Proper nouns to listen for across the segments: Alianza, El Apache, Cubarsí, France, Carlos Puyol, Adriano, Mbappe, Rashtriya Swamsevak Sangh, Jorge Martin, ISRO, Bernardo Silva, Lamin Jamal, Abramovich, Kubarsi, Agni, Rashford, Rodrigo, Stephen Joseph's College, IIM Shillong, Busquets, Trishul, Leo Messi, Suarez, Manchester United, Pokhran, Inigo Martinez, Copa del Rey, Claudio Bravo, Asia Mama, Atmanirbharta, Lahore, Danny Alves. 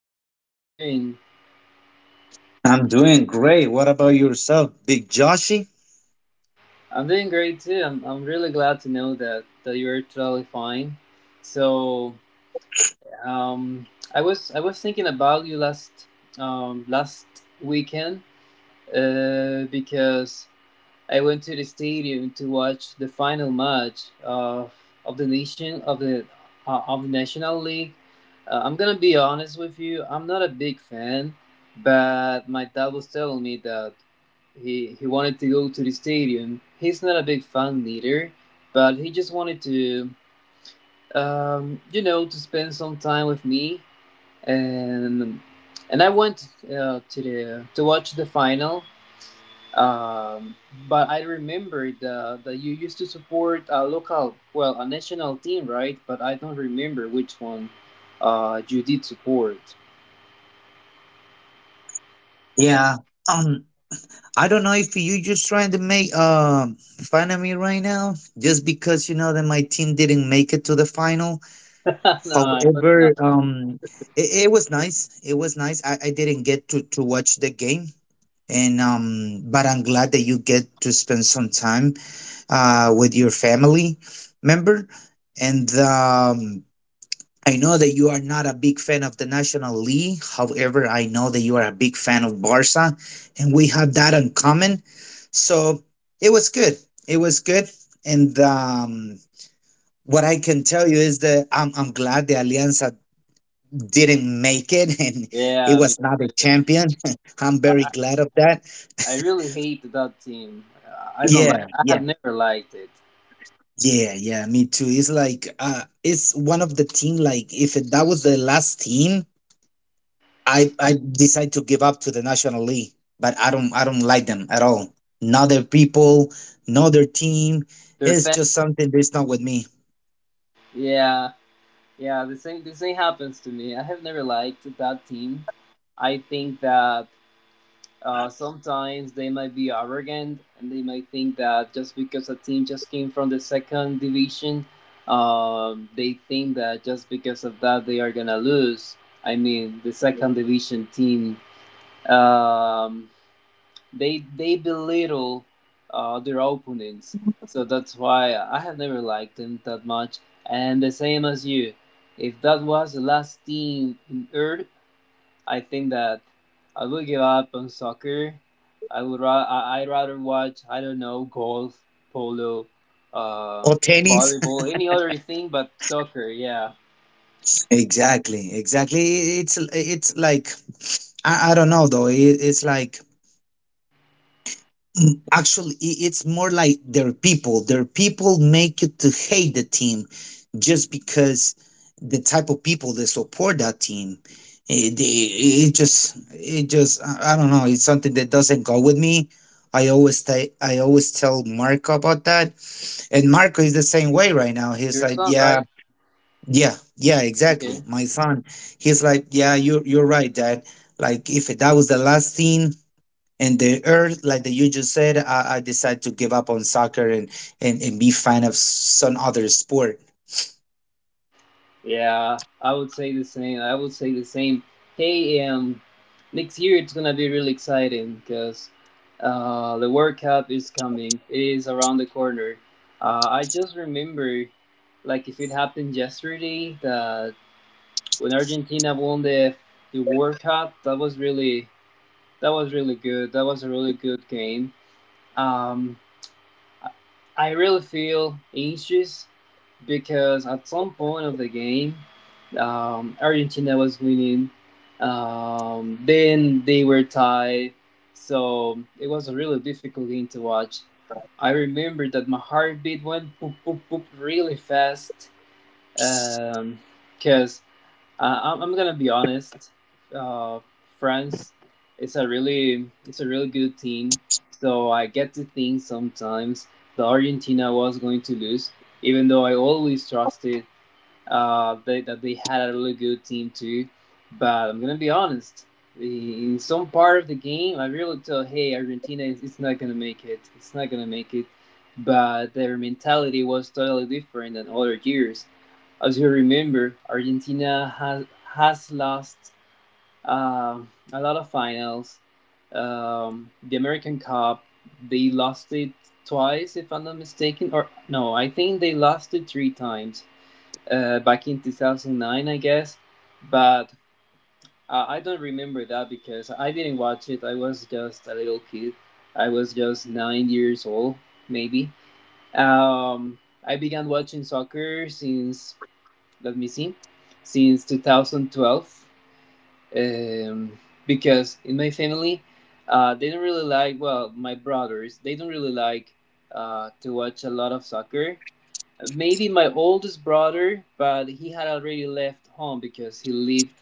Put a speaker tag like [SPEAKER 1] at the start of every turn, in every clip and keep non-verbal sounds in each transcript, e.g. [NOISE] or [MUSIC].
[SPEAKER 1] Danielle. How are you doing?
[SPEAKER 2] I'm doing great. What about yourself, Big Joshy?
[SPEAKER 1] I'm doing great too. I'm really glad to know that you're totally fine. So, um, I was thinking about you last last weekend because I went to the stadium to watch the final match of the nation of the of the National League. I'm gonna be honest with you. I'm not a big fan, but my dad was telling me that he wanted to go to the stadium. He's not a big fan either, but he just wanted to you know to spend some time with me and and I went to the to watch the final. Um, but I remember that you used to support a local, well, a national team, right? But I don't remember which one you did support.
[SPEAKER 2] Yeah. Um, I don't know if you just trying to make fun of me right now, just because you know that my team didn't make it to the final.
[SPEAKER 1] [LAUGHS] No, I was
[SPEAKER 2] However,
[SPEAKER 1] not.
[SPEAKER 2] it was nice. It was nice. I didn't get to watch the game, and but I'm glad that you get to spend some time with your family member, and I know that you are not a big fan of the National League. However, I know that you are a big fan of Barca, and we have that in common. So it was good. It was good. And what I can tell you is that I'm glad the Alianza didn't make it [LAUGHS] and it
[SPEAKER 1] Yeah, me
[SPEAKER 2] was not a
[SPEAKER 1] too.
[SPEAKER 2] champion. [LAUGHS] I'm
[SPEAKER 1] I,
[SPEAKER 2] very
[SPEAKER 1] I
[SPEAKER 2] glad of that.
[SPEAKER 1] I
[SPEAKER 2] [LAUGHS]
[SPEAKER 1] really hate that team. I don't like.
[SPEAKER 2] Yeah,
[SPEAKER 1] I
[SPEAKER 2] yeah,
[SPEAKER 1] have never liked it.
[SPEAKER 2] yeah, yeah. Me too. It's like it's one of the team. Like if it, that was the last team, I decide to give up to the National League, but I don't like them at all. Not their people, not their team.
[SPEAKER 1] Their
[SPEAKER 2] It's
[SPEAKER 1] fan.
[SPEAKER 2] just something that's not with me.
[SPEAKER 1] Yeah, yeah. The same. The same happens to me. I have never liked that team. I think that sometimes they might be arrogant and they might think that just because a team just came from the second division, they think that just because of that they are gonna lose. I mean, the second division team, um, they belittle their opponents, so that's why I have never liked them that much. And the same as you, if that was the last team in Earth, I think that I would give up on soccer. I'd rather watch I don't know golf, polo, uh,
[SPEAKER 2] Or tennis.
[SPEAKER 1] volleyball, any other thing but soccer. Yeah,
[SPEAKER 2] [LAUGHS] Exactly, exactly. It's like I don't know though. It's like actually, it's more like their people. Their people make you to hate the team just because the type of people that support that team. It just, it just, I don't know. It's something that doesn't go with me. I always, I always tell Marco about that, and Marco is the same way right now. He's
[SPEAKER 1] your
[SPEAKER 2] like,
[SPEAKER 1] son,
[SPEAKER 2] yeah,
[SPEAKER 1] right?
[SPEAKER 2] yeah, yeah, exactly.
[SPEAKER 1] Okay.
[SPEAKER 2] My son, he's like, yeah, you're right, Dad. Like, if that was the last team and the earth like that you just said I decided to give up on soccer and, and be fan of some other sport.
[SPEAKER 1] Yeah, I would say the same. I would say the same. Hey, next year it's gonna be really exciting because the World Cup is coming. It is around the corner. I just remember, like if it happened yesterday, that when Argentina won the World Cup. That was really good. That was a really good game. Um, I- really feel anxious because at some point of the game, Argentina was winning. Then they were tied, so it was a really difficult game to watch. I remember that my heartbeat went boop boop boop really fast um, because I'm gonna be honest. Uh, France, it's a really good team. So I get to think sometimes the Argentina was going to lose, even though I always trusted that they had a really good team too. But I'm gonna be honest. In some part of the game, I really thought, hey, Argentina is it's not gonna make it. It's not gonna make it. But their mentality was totally different than other years as you remember, Argentina has lost uh, a lot of finals. The American Cup, they lost it twice, if I'm not mistaken, or no, I think they lost it three times. Back in 2009, I guess, but I don't remember that because I didn't watch it. I was just a little kid. I was just 9 years old, maybe. Um, I began watching soccer since let me see, since 2012, um, because in my family, they don't really like, well, my brothers, they don't really like to watch a lot of soccer. Maybe my oldest brother, but he had already left home because he lived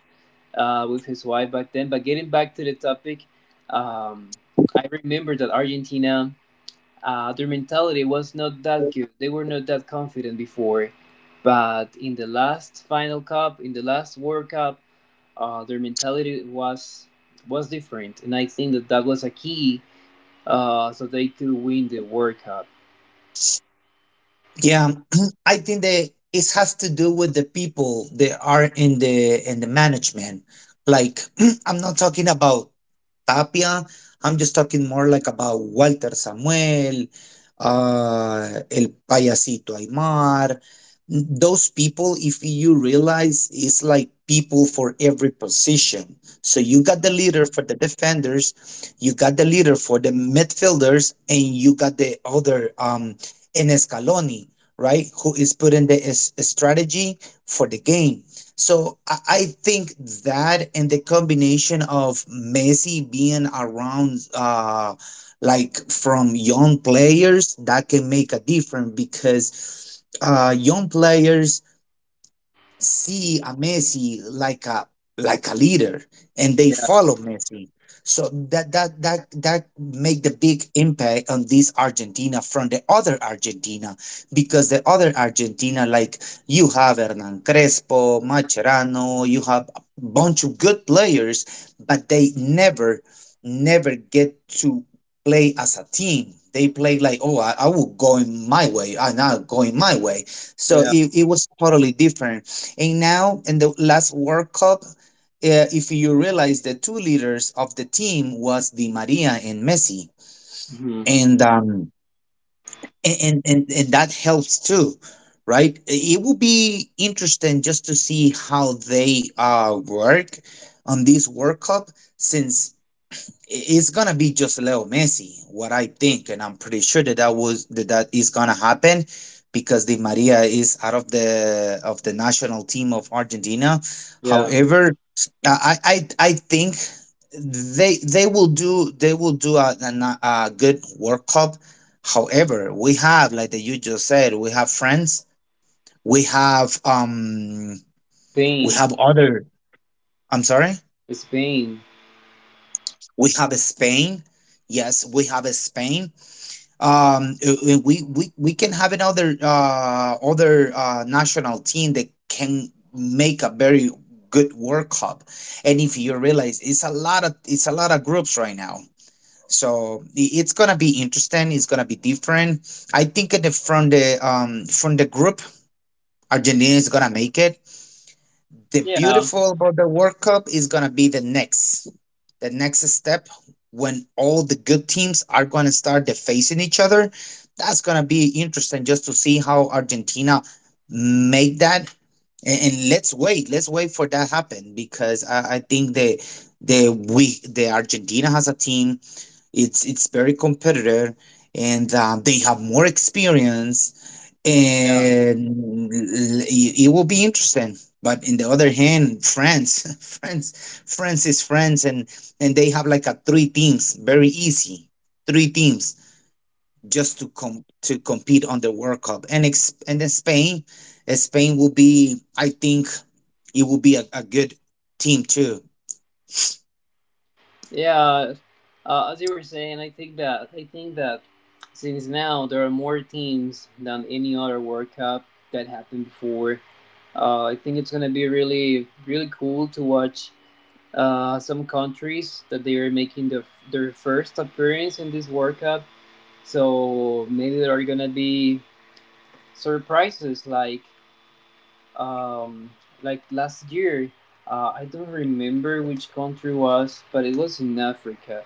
[SPEAKER 1] with his wife back then. But getting back to the topic, um, I remember that Argentina their mentality was not that good. They were not that confident before, but in the last final cup, in the last World Cup, their mentality was different, and I think that that was a key so they could win the World Cup.
[SPEAKER 2] Yeah. [CLEARS THROAT] I think that it has to do with the people that are in the management, like [CLEARS THROAT] I'm not talking about Tapia. I'm just talking more like about Walter Samuel, El Payasito Aymar. Those people, if you realize, is like people for every position. So you got the leader for the defenders, you got the leader for the midfielders, and you got the other in Scaloni, right? Who is putting the strategy for the game. So I think that and the combination of Messi being around, like from young players, that can make a difference because young players see a Messi like a leader and they follow Messi. So that make the big impact on this Argentina from the other Argentina, because the other Argentina like you have Hernan Crespo, Macherano, you have a bunch of good players, but they never get to play as a team. They play like, oh, I will go in my way, I'm not going my way. So
[SPEAKER 1] Yeah,
[SPEAKER 2] it was totally different. And now, in the last World Cup, if you realize the two leaders of the team was Di Maria and Messi,
[SPEAKER 1] hmm
[SPEAKER 2] and and that helps too, right? It will be interesting just to see how they work on this World Cup, since it's gonna be just Leo Messi, what I think, and I'm pretty sure that that was that that is gonna happen because Di Maria is out of the national team of Argentina.
[SPEAKER 1] yeah.
[SPEAKER 2] However, I think they will do a good World Cup. However, we have like that you just said, we have France, we have um we
[SPEAKER 1] Spain,
[SPEAKER 2] have other. I'm sorry,
[SPEAKER 1] Spain.
[SPEAKER 2] we have Spain. Yes, we have Spain we can have another other national team that can make a very good World Cup. And if you realize it's a lot of groups right now, so it's gonna be interesting, it's gonna be different. I think in the, from the from the group, Argentina is gonna make it. The
[SPEAKER 1] Yeah,
[SPEAKER 2] beautiful about the World Cup is gonna be the next step when all the good teams are gonna start defacing each other. That's gonna be interesting just to see how Argentina make that. And let's wait for that happen because I think the Argentina has a team. It's very competitive, and they have more experience
[SPEAKER 1] yeah.
[SPEAKER 2] and it will be interesting. But in the other hand, France, [LAUGHS] France, France is France, and they have like a three teams, very easy, three teams just to compete on the World Cup. And and then Spain, Spain will be, I think, it will be a good team too.
[SPEAKER 1] Yeah, as you were saying, I think that since now there are more teams than any other World Cup that happened before. I think it's gonna be really really cool to watch some countries that they are making their first appearance in this World Cup. So maybe there are gonna be surprises um, like last year. I don't remember which country was, but it was in Africa.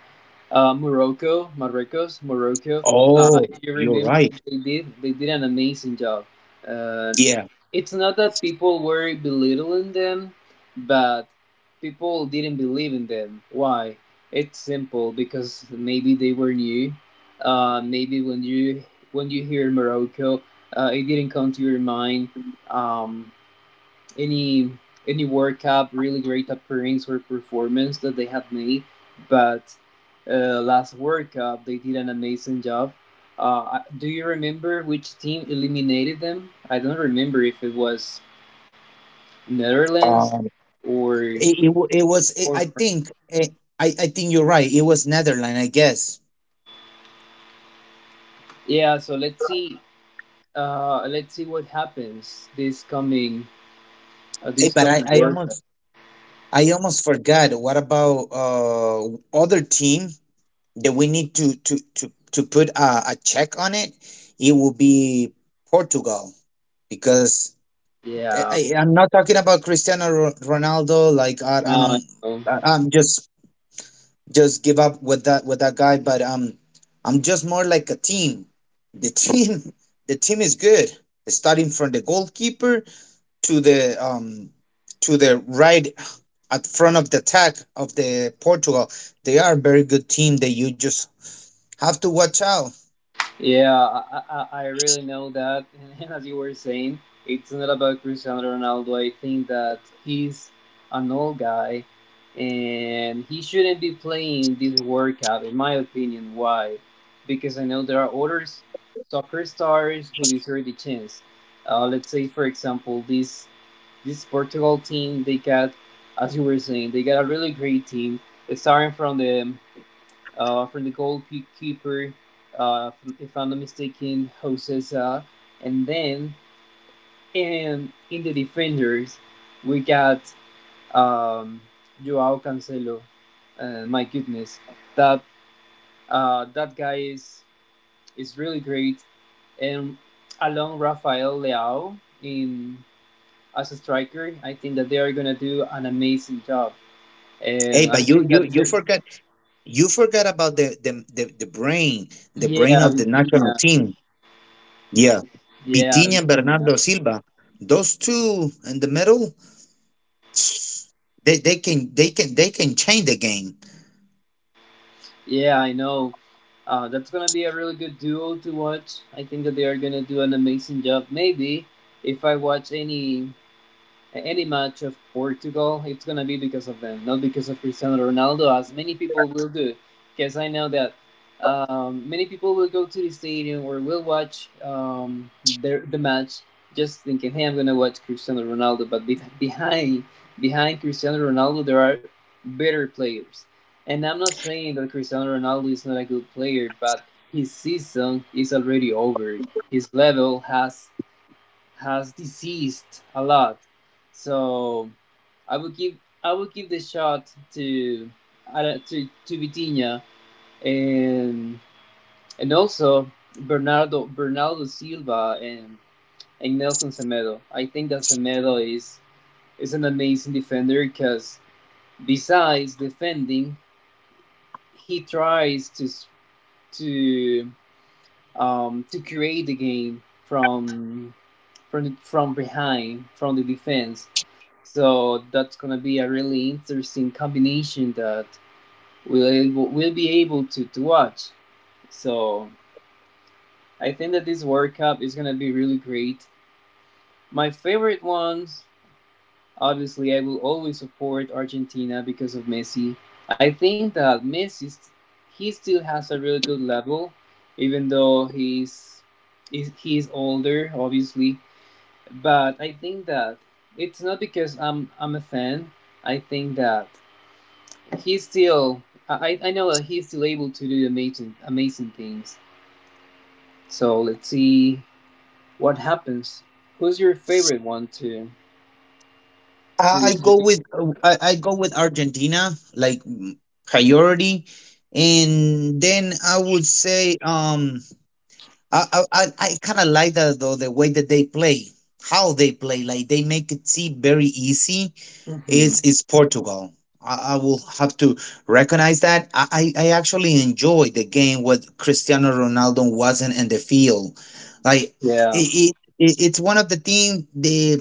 [SPEAKER 1] Morocco, Marruecos, Morocco.
[SPEAKER 2] Oh,
[SPEAKER 1] If you
[SPEAKER 2] you're
[SPEAKER 1] remember,
[SPEAKER 2] right.
[SPEAKER 1] they did an amazing job. Uh,
[SPEAKER 2] Yeah.
[SPEAKER 1] it's not that people were belittling them, but people didn't believe in them. Why? It's simple because maybe they were new. Maybe when you hear Morocco, it didn't come to your mind. Um, any any World Cup really great appearance or performance that they have made, but last World Cup they did an amazing job. Do you remember which team eliminated them? I don't remember if it was Netherlands
[SPEAKER 2] Um,
[SPEAKER 1] or
[SPEAKER 2] it was. It,
[SPEAKER 1] or
[SPEAKER 2] I
[SPEAKER 1] France.
[SPEAKER 2] think. It, I think you're right. It was Netherlands, I guess.
[SPEAKER 1] Yeah. So let's see. Let's see what happens
[SPEAKER 2] Hey,
[SPEAKER 1] this
[SPEAKER 2] but
[SPEAKER 1] coming World Cup.
[SPEAKER 2] I almost forgot. What about other team that we need to put a check on it? It will be Portugal because I,
[SPEAKER 1] Yeah.
[SPEAKER 2] I'm not talking about Cristiano Ronaldo. Like I
[SPEAKER 1] Now I
[SPEAKER 2] don't
[SPEAKER 1] know.
[SPEAKER 2] I- I'm just give up with that guy. But I'm just more like a team. The team [LAUGHS] the team is good. Starting from the goalkeeper to the um to the right at front of the attack of the Portugal. They are a very good team that you just have to watch out.
[SPEAKER 1] Yeah, I really know that. [LAUGHS] And as you were saying, it's not about Cristiano Ronaldo. I think that he's an old guy and he shouldn't be playing this World Cup, in my opinion. Why? Because I know there are other soccer stars who deserve the chance. Let's say, for example, this Portugal team, they got, as you were saying, they got a really great team. Starting from the goalkeeper, uh, if I'm not mistaken, Jose Sa. And then and in the defenders, we got um, Joao Cancelo. My goodness, that that guy is really great. And along Rafael Leao in as a striker, I think that they are gonna do an amazing job.
[SPEAKER 2] Hey,
[SPEAKER 1] And I
[SPEAKER 2] but you
[SPEAKER 1] think
[SPEAKER 2] you
[SPEAKER 1] that
[SPEAKER 2] you forgot, about the brain, the brain
[SPEAKER 1] yeah,
[SPEAKER 2] of the national
[SPEAKER 1] Vitinha,
[SPEAKER 2] team. Yeah.
[SPEAKER 1] yeah,
[SPEAKER 2] Vitinha and
[SPEAKER 1] Vitinha.
[SPEAKER 2] Bernardo Silva. Those two in the middle, they, they can change the game.
[SPEAKER 1] Yeah, I know. That's gonna be a really good duo to watch. I think that they are gonna do an amazing job. Maybe if I watch any match of Portugal, it's gonna be because of them, not because of Cristiano Ronaldo, as many people will do. Because I know that many people will go to the stadium or will watch the match just thinking, "Hey, I'm gonna watch Cristiano Ronaldo." But behind Cristiano Ronaldo, there are better players. And I'm not saying that Cristiano Ronaldo is not a good player, but his season is already over. His level has deceased a lot. So I would give I would give the shot to to Vitinha and and also Bernardo Silva and Nelson Semedo. I think that Semedo is an amazing defender because besides defending, he tries to to create the game from behind from the defense. So that's gonna be a really interesting combination that we'll be able to watch. So I think that this World Cup is gonna be really great. My favorite ones, obviously, I will always support Argentina because of Messi. I think that Messi he still has a really good level, even though he is older, obviously. But I think that it's not because I'm a fan. I think that he's still I know that he's still able to do amazing things. So let's see what happens. Who's your favorite one
[SPEAKER 2] I I
[SPEAKER 1] to win
[SPEAKER 2] go
[SPEAKER 1] the
[SPEAKER 2] with
[SPEAKER 1] World Cup?
[SPEAKER 2] I go with Argentina like priority, and then I would say I kind of like that though the way that they play, how they play, like they make it seem very easy.
[SPEAKER 1] Hmm.
[SPEAKER 2] It's Portugal. I will have to recognize that. I actually enjoyed the game when Cristiano Ronaldo wasn't in the field. Like
[SPEAKER 1] Yeah.
[SPEAKER 2] it's one of the things the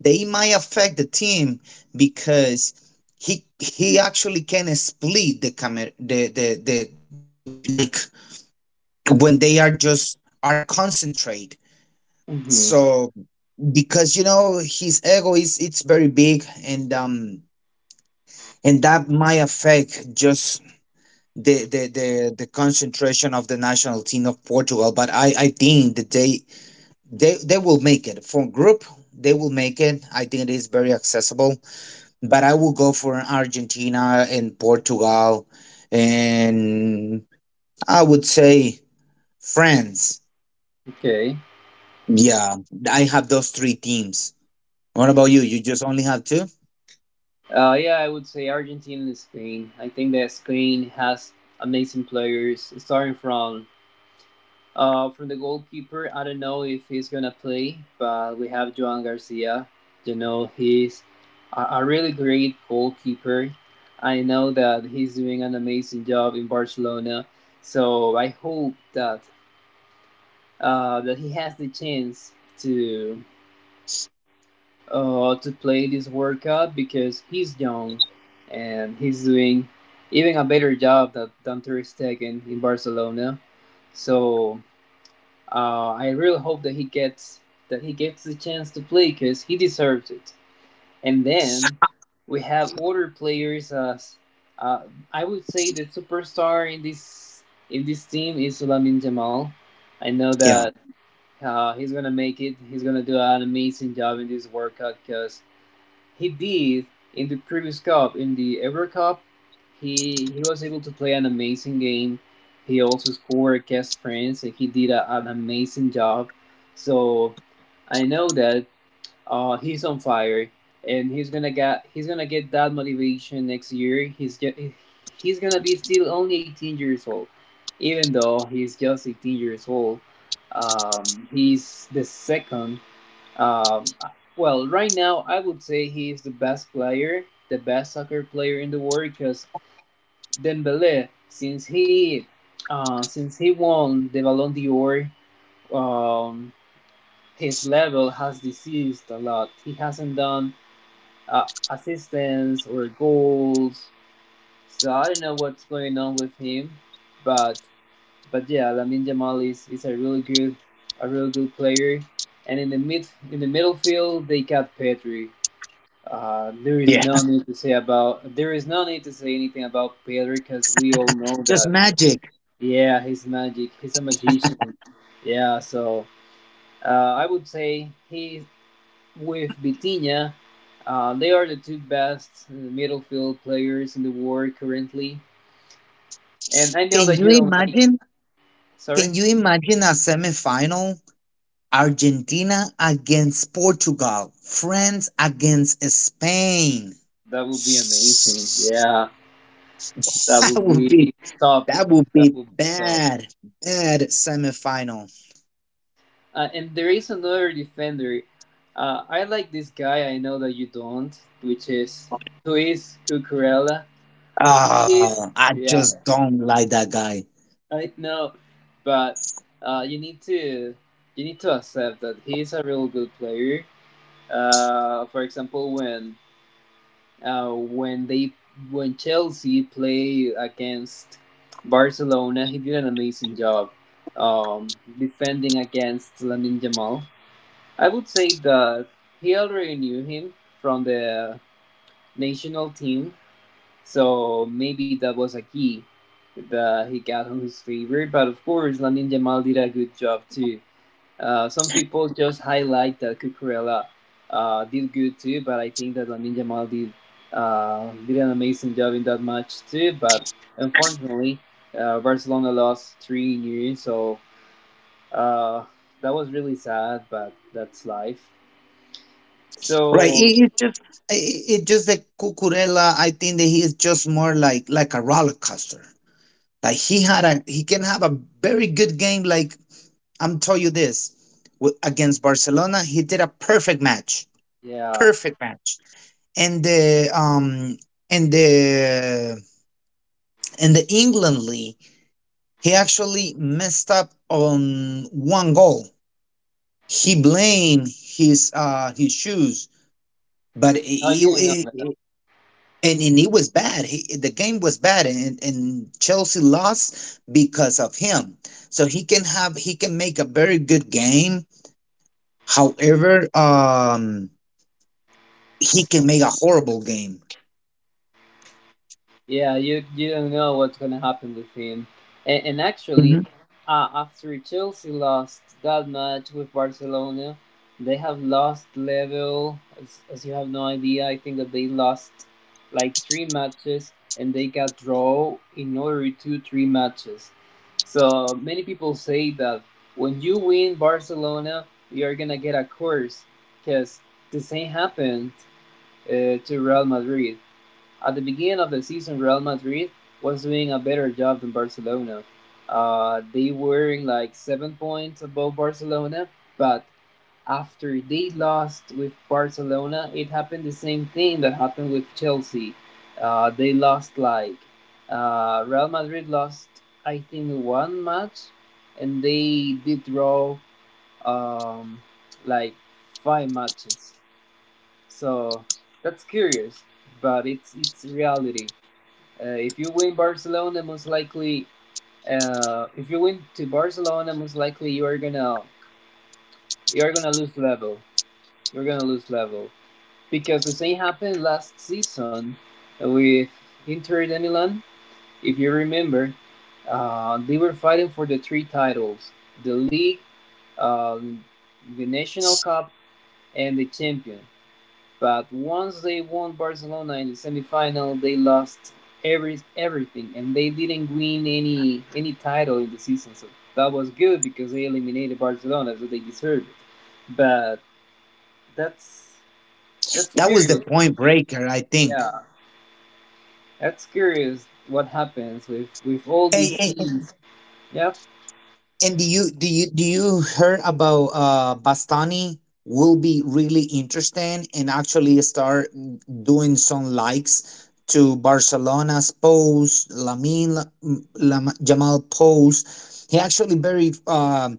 [SPEAKER 2] they might affect the team because he actually can split the camera the like when they are just are concentrate.
[SPEAKER 1] Hmm.
[SPEAKER 2] So because you know his ego is it's very big, and that might affect just the the concentration of the national team of Portugal. But I think that they they will make it for group. They will make it. I think it is very accessible, but I will go for Argentina and Portugal, and I would say France.
[SPEAKER 1] Okay.
[SPEAKER 2] Yeah, I have those three teams. What about you? You just only have two?
[SPEAKER 1] Yeah, I would say Argentina and Spain. I think that Spain has amazing players, starting from the goalkeeper, I don't know if he's gonna play, but we have Joan Garcia. You know, he's a really great goalkeeper. I know that he's doing an amazing job in Barcelona, so I hope that that he has the chance to to play this World Cup because he's young and he's doing even a better job than Ter Stegen in Barcelona. So I really hope that he gets the chance to play because he deserves it. And then we have other players. As uh, I would say, the superstar in this team is Lamin Jamal. I know
[SPEAKER 2] Yeah.
[SPEAKER 1] that he's gonna make it. He's gonna do an amazing job in this World Cup because he did in the previous cup, in the Euro Cup. He was able to play an amazing game. He also scored against France, and he did a, an amazing job. So I know that he's on fire, and he's gonna get that motivation next year. He's gonna be still only 18 years old, even though he's just 18 years old. He's the second, um, well, right now I would say he is the best player, the best soccer player in the world because Dembele, since he won the Ballon d'Or, um, his level has decreased a lot. He hasn't done assists or goals, so I don't know what's going on with him, but but yeah, Lamin Jamal is a really good player, and in the middle field they got Pedri. There is
[SPEAKER 2] Yeah.
[SPEAKER 1] no need to say about there is no need to say anything about Pedri because we all know
[SPEAKER 2] Just
[SPEAKER 1] that.
[SPEAKER 2] magic.
[SPEAKER 1] Yeah, he's magic. He's a magician. Yeah, so I would say he with Vitinha, they are the two best midfield players in the world currently. And I know
[SPEAKER 2] Can
[SPEAKER 1] that
[SPEAKER 2] you
[SPEAKER 1] you don't like.
[SPEAKER 2] imagine?
[SPEAKER 1] Sorry,
[SPEAKER 2] Can you imagine a semifinal? Argentina against Portugal, France against Spain.
[SPEAKER 1] that
[SPEAKER 2] [LAUGHS]
[SPEAKER 1] would be amazing. Yeah, that
[SPEAKER 2] That
[SPEAKER 1] would
[SPEAKER 2] would
[SPEAKER 1] be
[SPEAKER 2] be
[SPEAKER 1] top. That would be top.
[SPEAKER 2] bad, bad semifinal.
[SPEAKER 1] And there is another defender. I like this guy. I know that you don't, which is who is Cucurella. Is
[SPEAKER 2] Ah, I
[SPEAKER 1] yeah,
[SPEAKER 2] just don't like that guy.
[SPEAKER 1] I know, but uh, you need to you need to accept that he is a real good player. For example, uh, when they when Chelsea played against Barcelona, he did an amazing job defending against Lamine Yamal. I would say that he already knew him from the national team, so maybe that was a key that he got on his favor. But of course, Lamin Jamal did a good job too. Some people just highlight that Cucurella did good too, but I think that Lamin Jamal did an amazing job in that match too. But unfortunately, Barcelona lost three nil, so uh, that was really sad. But that's life.
[SPEAKER 2] Right?
[SPEAKER 1] So
[SPEAKER 2] It just that Cucurella. I think that he is just more like a roller coaster. Like he can have a very good game. Like I'm tell you this against Barcelona, he did a perfect match,
[SPEAKER 1] yeah.
[SPEAKER 2] perfect match. And the in the in the England league, he actually messed up on one goal. He blamed his shoes. But it,
[SPEAKER 1] No, you didn't know
[SPEAKER 2] it,
[SPEAKER 1] that.
[SPEAKER 2] it- and he was bad. The game was bad, and Chelsea lost because of him. So he can make a very good game. However, he can make a horrible game.
[SPEAKER 1] Yeah, you don't know what's gonna happen with him. And
[SPEAKER 2] Hmm.
[SPEAKER 1] actually, after Chelsea lost that match with Barcelona, they have lost level. As you have no idea, I think that they lost like three matches and they got draw in order to three matches. So many people say that when you win Barcelona, you're gonna get a curse because the same happened to Real Madrid. At the beginning of the season, Real Madrid was doing a better job than Barcelona. They were in like 7 points above Barcelona, but after they lost with Barcelona, it happened the same thing that happened with Chelsea. They lost like Real Madrid lost, I think, one match, and they did draw um, like five matches. So that's curious, but it's reality. If you win Barcelona, most likely, If you win to Barcelona, most likely you are gonna lose level. You're gonna lose level because the same happened last season with Inter de Milan. If you remember, they were fighting for the three titles: the league, um, the national cup, and the champion. But once they won Barcelona in the semifinal, they lost everything, and they didn't win any title in the season. So that was good because they eliminated Barcelona, so they deserved it. But that's that's
[SPEAKER 2] That was the
[SPEAKER 1] curious.
[SPEAKER 2] point breaker, I think.
[SPEAKER 1] Yeah, that's curious. What happens with all
[SPEAKER 2] Hey.
[SPEAKER 1] these teams? Yep.
[SPEAKER 2] And do you do you do you heard about Bastani will be really interesting and actually start doing some likes to Barcelona's post, Jamal post. He actually very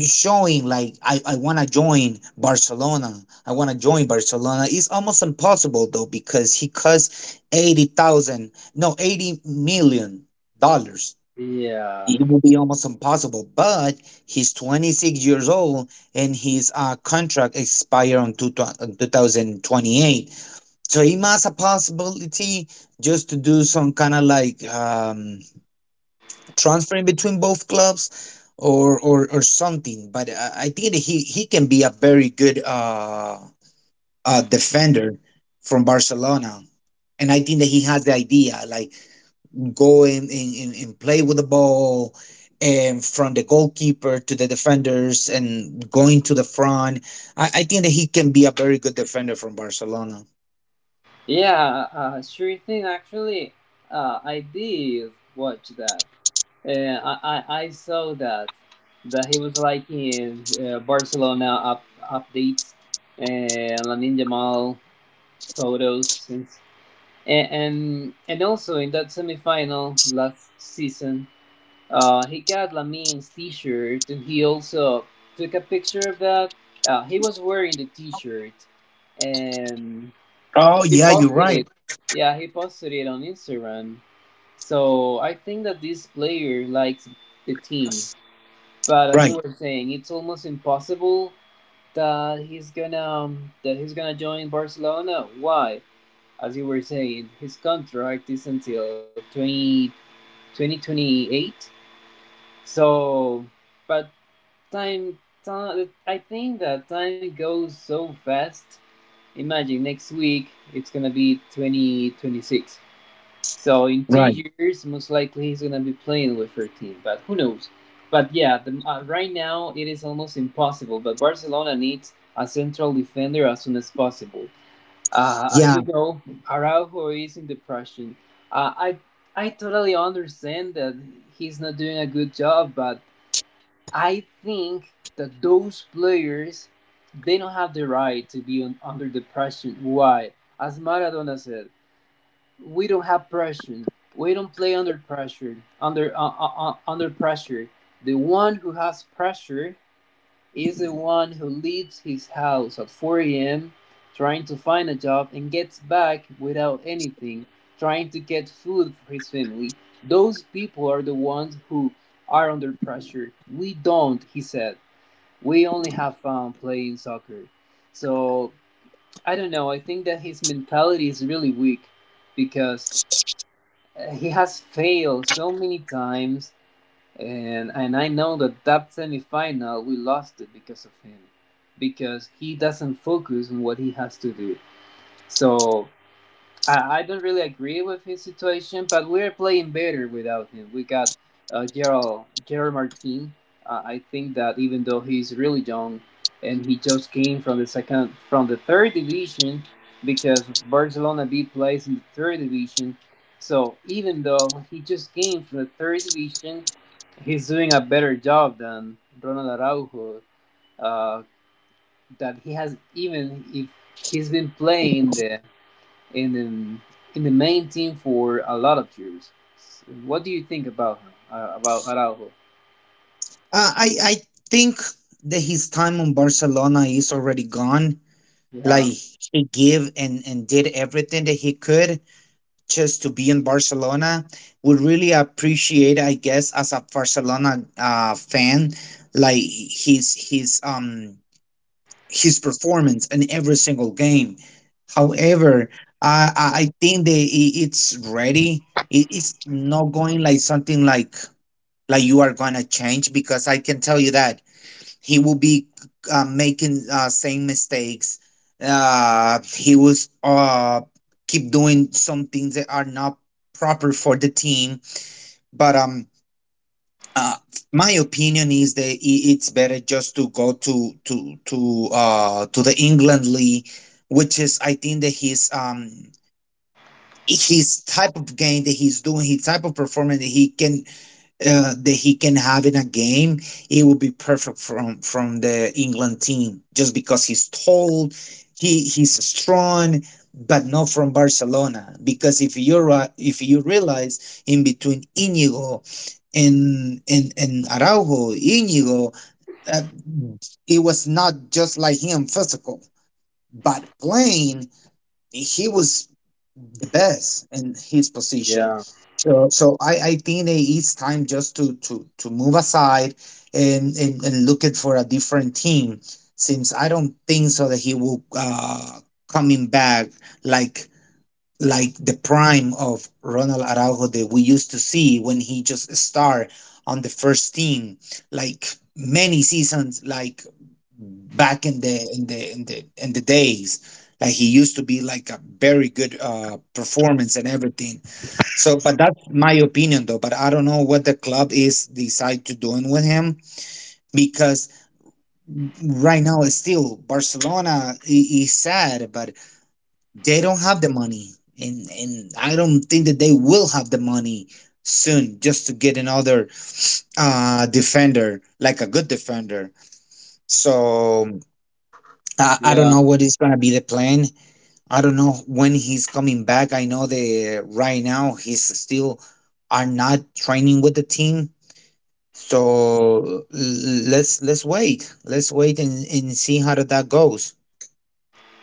[SPEAKER 2] showing like I wanna join Barcelona. I wanna join Barcelona. It's almost impossible though because he costs 80,000 no $80 million.
[SPEAKER 1] Yeah.
[SPEAKER 2] It will be almost impossible. But he's 26 years old and his contract expire on 2028. So he must a possibility just to do some kind of like transferring between both clubs, or or something. But I think that he can be a very good defender from Barcelona. And I think that he has the idea. Like go and, and play with the ball and from the goalkeeper to the defenders and going to the front. I think that he can be a very good defender from Barcelona.
[SPEAKER 1] Yeah. Sure thing. Actually, I did watch that. Yeah, I saw that he was liking Barcelona updates and Lamin Jamal photos, and also in that semifinal last season, he got Lamin's T-shirt and he also took a picture of that. He was wearing the T-shirt and
[SPEAKER 2] Oh
[SPEAKER 1] he
[SPEAKER 2] yeah, you're
[SPEAKER 1] posted
[SPEAKER 2] right.
[SPEAKER 1] it. Yeah, he posted it on Instagram. So I think that this player likes the team. But as you
[SPEAKER 2] Right,
[SPEAKER 1] were saying, it's almost impossible that he's gonna join Barcelona. Why? As you were saying, his contract is until 20 2028. So, but time, I think that time goes so fast. Imagine next week it's gonna be 2026. So in two
[SPEAKER 2] right.
[SPEAKER 1] years, most likely he's gonna be playing with her team, but who knows? But yeah, right now it is almost impossible. But Barcelona needs a central defender as soon as possible. As
[SPEAKER 2] Yeah.
[SPEAKER 1] you know, Araujo is in depression. Uh, I I totally understand that he's not doing a good job, but I think that those players they don't have the right to be under depression. Why? As Maradona said, we don't have pressure. We don't play under pressure. Under pressure, the one who has pressure is the one who leaves his house at 4 a.m. trying to find a job and gets back without anything, trying to get food for his family. Those people are the ones who are under pressure. We don't, he said. We only have fun playing soccer. So I don't know. I think that his mentality is really weak because he has failed so many times, and I know that semifinal we lost it because of him, because he doesn't focus on what he has to do. So I don't really agree with his situation, but we're playing better without him. We got Gerald Martin. I think that even though he's really young, and he just came from the third division because Barcelona B plays in the third division. So even though he just came from the third division, he's doing a better job than Ronald Araujo. Uh, that he has, even if he's been playing the in the in the main team for a lot of years. So what do you think about him? About Araujo?
[SPEAKER 2] I think that his time on Barcelona is already gone. Like
[SPEAKER 1] Yeah,
[SPEAKER 2] he gave and did everything that he could just to be in Barcelona. Would really appreciate, I guess, as a Barcelona fan, like his his um his performance in every single game. However, I think that it's ready. It's not going, like something, like you are gonna change, because I can tell you that he will be making same mistakes, he was keep doing some things that are not proper for the team, but uh, my opinion is that it's better just to go to the England league, which is, I think, that his type of game that he's doing, his type of performance that he can have in a game, it would be perfect from the England team, just because he's tall, he's strong, but not from Barcelona. Because if you're if you realize in between Inigo and Araujo, Inigo, uh, it was not just like him physical, but playing he was the best in his position.
[SPEAKER 1] yeah,
[SPEAKER 2] So I think that it's time just to move aside and look it for a different team. Since I don't think so that he will coming back, like like the prime of Ronald Araujo that we used to see when he just starred on the first team, like many seasons, like back in the days. Like he used to be like a very good performance and everything. So, but that's my opinion though. But I don't know what the club is decide to doing with him, because right now it's still Barcelona, is sad, but they don't have the money, and I don't think that they will have the money soon just to get another defender, like a good defender. So I don't
[SPEAKER 1] yeah,
[SPEAKER 2] know what is going to be the plan. I don't know when he's coming back. I know that right now he's still are not training with the team. So let's wait let's wait and see how that goes.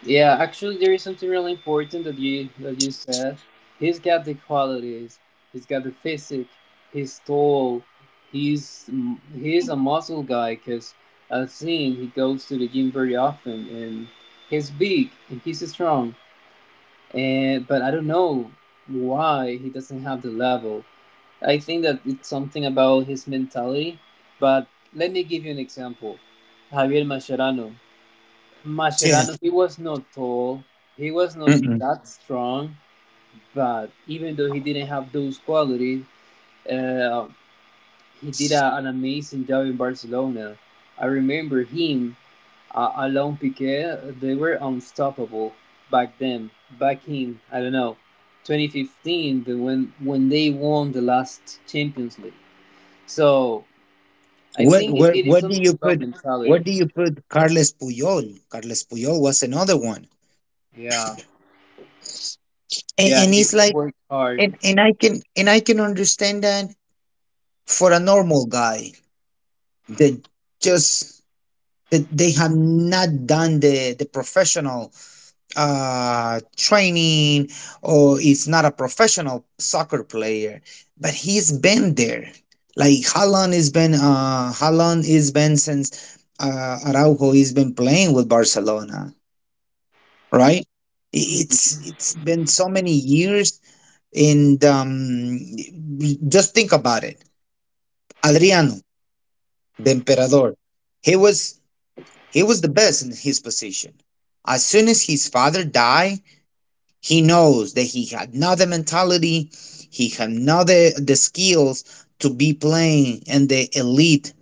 [SPEAKER 1] yeah. Actually, there is something really important that you said. He's got the qualities. He's got the physique. He's tall. He's he's a muscle guy because I've seen he goes to the gym very often and he's big and he's strong. And but I don't know why he doesn't have the level. I think that it's something about his mentality. But let me give you an example. Javier Mascherano.
[SPEAKER 2] Yeah.
[SPEAKER 1] Mascherano, he was not tall. He was not
[SPEAKER 2] Mm-mm.
[SPEAKER 1] that strong. But even though he didn't have those qualities, uh, he did an amazing job in Barcelona. I remember him, Alain Piquet, they were unstoppable back then. Back in, I don't know, 2015, when they won the last Champions League. So I
[SPEAKER 2] What
[SPEAKER 1] think it,
[SPEAKER 2] what
[SPEAKER 1] it is
[SPEAKER 2] what do
[SPEAKER 1] something
[SPEAKER 2] you
[SPEAKER 1] about
[SPEAKER 2] put? What
[SPEAKER 1] mentality.
[SPEAKER 2] do you put? Carles Puyol. Carles Puyol was another one,
[SPEAKER 1] Yeah.
[SPEAKER 2] and,
[SPEAKER 1] Yeah,
[SPEAKER 2] and
[SPEAKER 1] he,
[SPEAKER 2] it's
[SPEAKER 1] he
[SPEAKER 2] like,
[SPEAKER 1] worked hard.
[SPEAKER 2] and I can understand that for a normal guy that just that they have not done the professional training, or is not a professional soccer player, but he's been there. Like, how long has been, since Araujo, he's been playing with Barcelona, right? It's
[SPEAKER 1] Mhm.
[SPEAKER 2] it's been so many years, and just think about it. Adriano, the Emperador, he was he was the best in his position. As soon as his father died, he knows that he had not the mentality, he had not the skills to be playing in the elite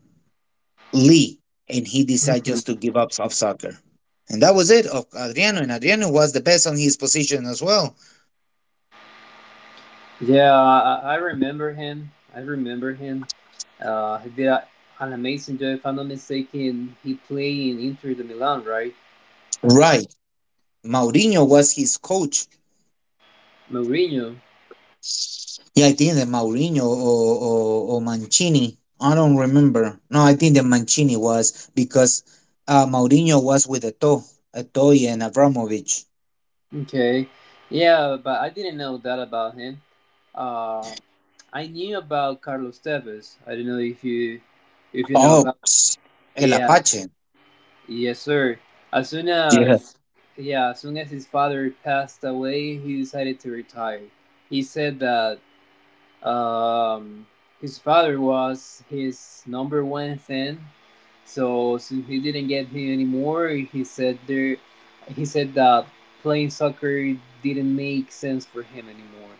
[SPEAKER 2] league, and he decided just to
[SPEAKER 1] [LAUGHS]
[SPEAKER 2] give up of soccer. And that was it of Adriano, and Adriano was the best on his position as well.
[SPEAKER 1] Yeah, I remember him. I remember him. He did an amazing job, if I'm not mistaken. He played in Inter de Milan, right?
[SPEAKER 2] Right. Mourinho was his coach.
[SPEAKER 1] Mourinho.
[SPEAKER 2] Yeah, I think that Mourinho or Mancini. I don't remember. No, I think that Mancini was, because Mourinho was with Eto and Abramovich.
[SPEAKER 1] Okay. Yeah, but I didn't know that about him. Uh, I knew about Carlos Tevez. I don't know if you know
[SPEAKER 2] Oh,
[SPEAKER 1] about.
[SPEAKER 2] El
[SPEAKER 1] Yeah.
[SPEAKER 2] Apache.
[SPEAKER 1] Yes, sir. As soon
[SPEAKER 2] Yeah,
[SPEAKER 1] as yeah, as soon as his father passed away, he decided to retire. He said that um, his father was his number one fan. So since he didn't get him anymore, he said that playing soccer didn't make sense for him anymore.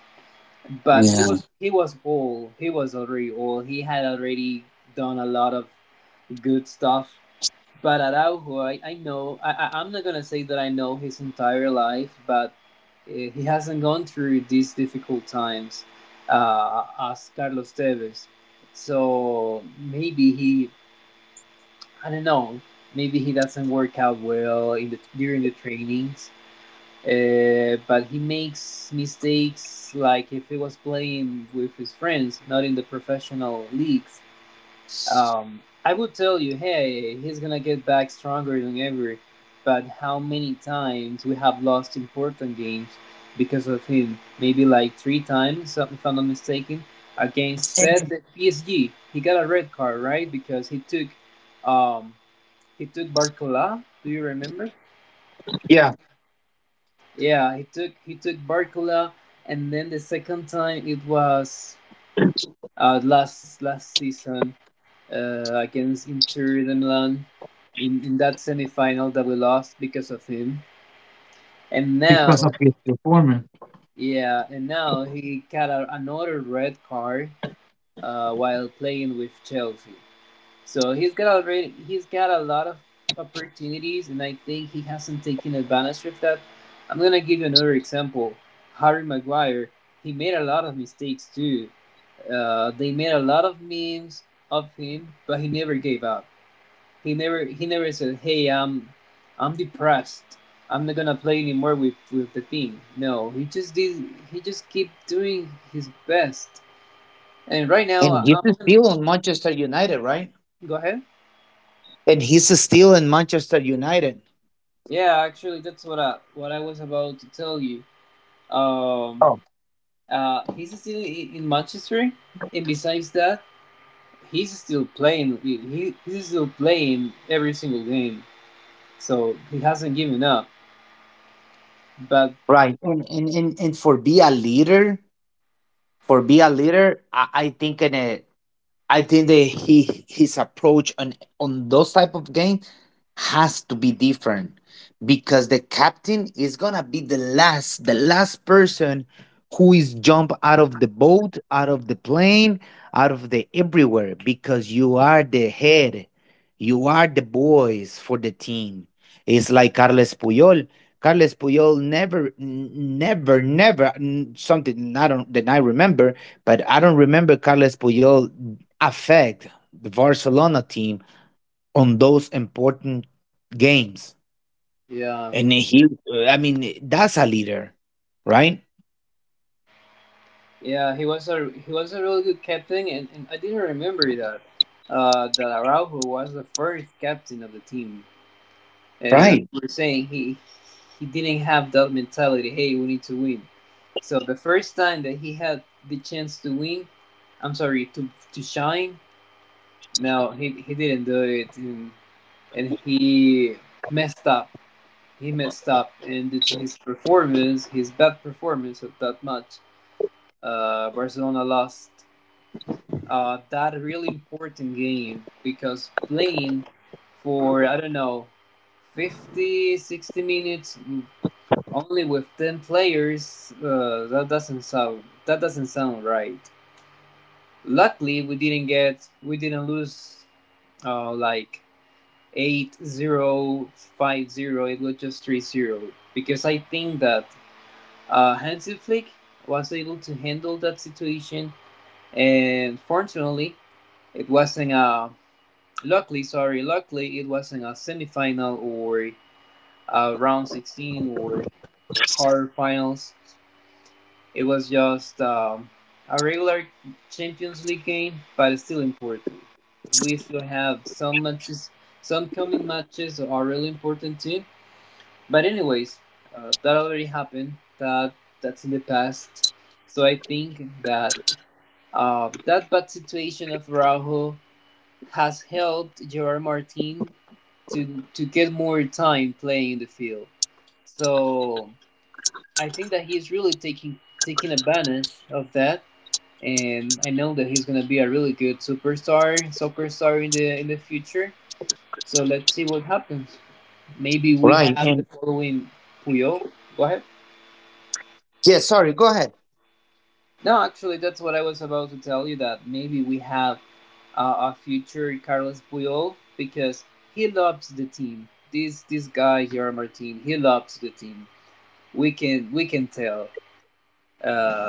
[SPEAKER 1] But he
[SPEAKER 2] yeah.
[SPEAKER 1] was he was old. He was already old. He had already done a lot of good stuff, but Araujo, I am not going to say that I know his entire life, but he hasn't gone through these difficult times as Carlos Tevez. So maybe he, I don't know, maybe he doesn't work out well during the trainings. But he makes mistakes like if he was playing with his friends, not in the professional leagues. I would tell you, hey, he's gonna get back stronger than ever, but how many times we have lost important games because of him? Maybe like three times, so if I'm not mistaken. Against PES PSG, he got a red card, right? Because um, he took Barcola. Do you remember?
[SPEAKER 2] Yeah,
[SPEAKER 1] Yeah, he took Barcola, and then the second time it was, last season against Inter de Milan in that semifinal that we lost because of him. And
[SPEAKER 2] because
[SPEAKER 1] now,
[SPEAKER 2] of his performance.
[SPEAKER 1] yeah, and now he got another red card while playing with Chelsea. So he's got a lot of opportunities, and I think he hasn't taken advantage of that. I'm gonna give you another example. Harry Maguire, he made a lot of mistakes too. They made a lot of memes of him, but he never gave up. He never said, "Hey, I'm depressed. I'm not gonna play anymore with the team." No, he just did. He just keep doing his best. And right now,
[SPEAKER 2] And he's
[SPEAKER 1] I'm gonna
[SPEAKER 2] still on Manchester United, right?
[SPEAKER 1] go ahead.
[SPEAKER 2] And he's still in Manchester United.
[SPEAKER 1] Yeah, actually, that's what I was about to tell you. Um,
[SPEAKER 2] Oh,
[SPEAKER 1] he's still in Manchester, and besides that, he's still playing. He's still playing every single game. So he hasn't given up. But
[SPEAKER 2] right. And for be a leader, I think in a. I think that he his approach on those type of game has to be different, because the captain is gonna be the last person who is jump out of the boat, out of the plane, out of the everywhere, because you are the head, you are the boys for the team. It's like Carles Puyol. Carles Puyol never, n- never, never n-, something I don't, that I remember, but I don't remember Carles Puyol affect the Barcelona team on those important games.
[SPEAKER 1] yeah,
[SPEAKER 2] And he, I mean, that's a leader, right?
[SPEAKER 1] yeah, he was a really good captain, and I didn't remember that Araujo was the first captain of the team. And as
[SPEAKER 2] Right.
[SPEAKER 1] we were saying, he didn't have that mentality. Hey, we need to win. So the first time that he had the chance to win, I'm sorry to shine. No, he didn't do it, and he messed up. He messed up, and it's his performance, his bad performance of that match. Barcelona lost that really important game because playing for I don't know 50, 60 minutes only with ten players that doesn't sound right. Luckily, we didn't lose like 8-0, 5-0. It was just 3-0. Because I think that Hansi Flick was able to handle that situation, and fortunately, it wasn't a luckily sorry luckily it wasn't a semifinal or a round 16 or quarterfinals. It was just a regular Champions League game, but it's still important. We still have some matches. Some coming matches are really important too. But anyways, that already happened. That that's in the past. So I think that that bad situation of Raúl has helped Gerard Martin to get more time playing in the field. So I think that he's really taking advantage of that, and I know that he's gonna be a really good superstar, soccer star in the future. So let's see what happens. Maybe we
[SPEAKER 2] Right.
[SPEAKER 1] have the
[SPEAKER 2] And
[SPEAKER 1] following Puyol. Go ahead.
[SPEAKER 2] yeah, sorry, go ahead.
[SPEAKER 1] No, actually, that's what I was about to tell you, that maybe we have a future Carlos Puyol because he loves the team. This guy, Jorge Martin, he loves the team. We can tell.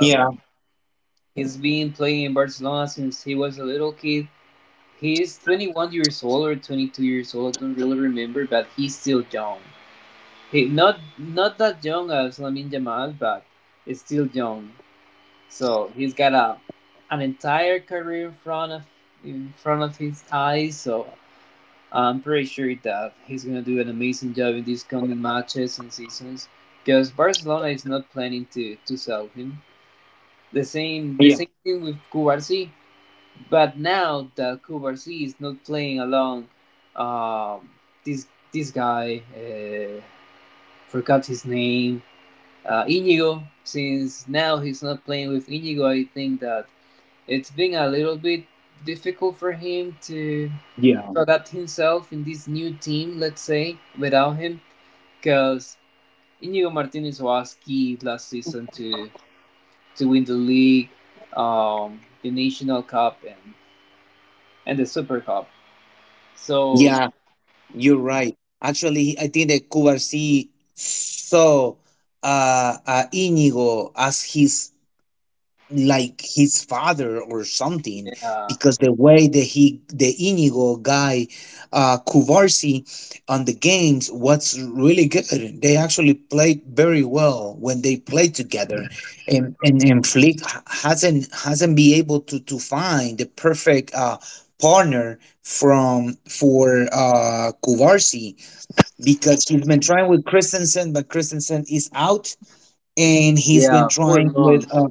[SPEAKER 2] Yeah.
[SPEAKER 1] he's been playing in Barcelona since he was a little kid. He's 21 years old or 22 years old. I don't really remember, but he's still young. He not that young as Lamine Yamal, but he's still young. So he's got a an entire career in front of his eyes. So I'm pretty sure that he's gonna do an amazing job in these coming matches and seasons. Because Barcelona is not planning to sell him. The same the
[SPEAKER 2] Yeah.
[SPEAKER 1] same thing with Kubarsi. But now that Kubarsi is not playing along, um, this, guy, forgot his name, Inigo. Since now he's not playing with Inigo, I think that it's been a little bit difficult for him to
[SPEAKER 2] Yeah.
[SPEAKER 1] adapt himself in this new team, let's say, without him, because Inigo Martinez was key last season to win the league, the National Cup, and the Super Cup. So
[SPEAKER 2] Yeah. You're right. Actually, I think that Cubarsí saw Íñigo as his, like, his father or something,
[SPEAKER 1] yeah,
[SPEAKER 2] because the way that he the Íñigo guy Cubarsí on the games was really good. They actually played very well when they played together. And Flick hasn't been able to find the perfect partner from for Kuvarsi, because he's been trying with Christensen, but Christensen is out, and he's been
[SPEAKER 1] yeah, four
[SPEAKER 2] trying with
[SPEAKER 1] months.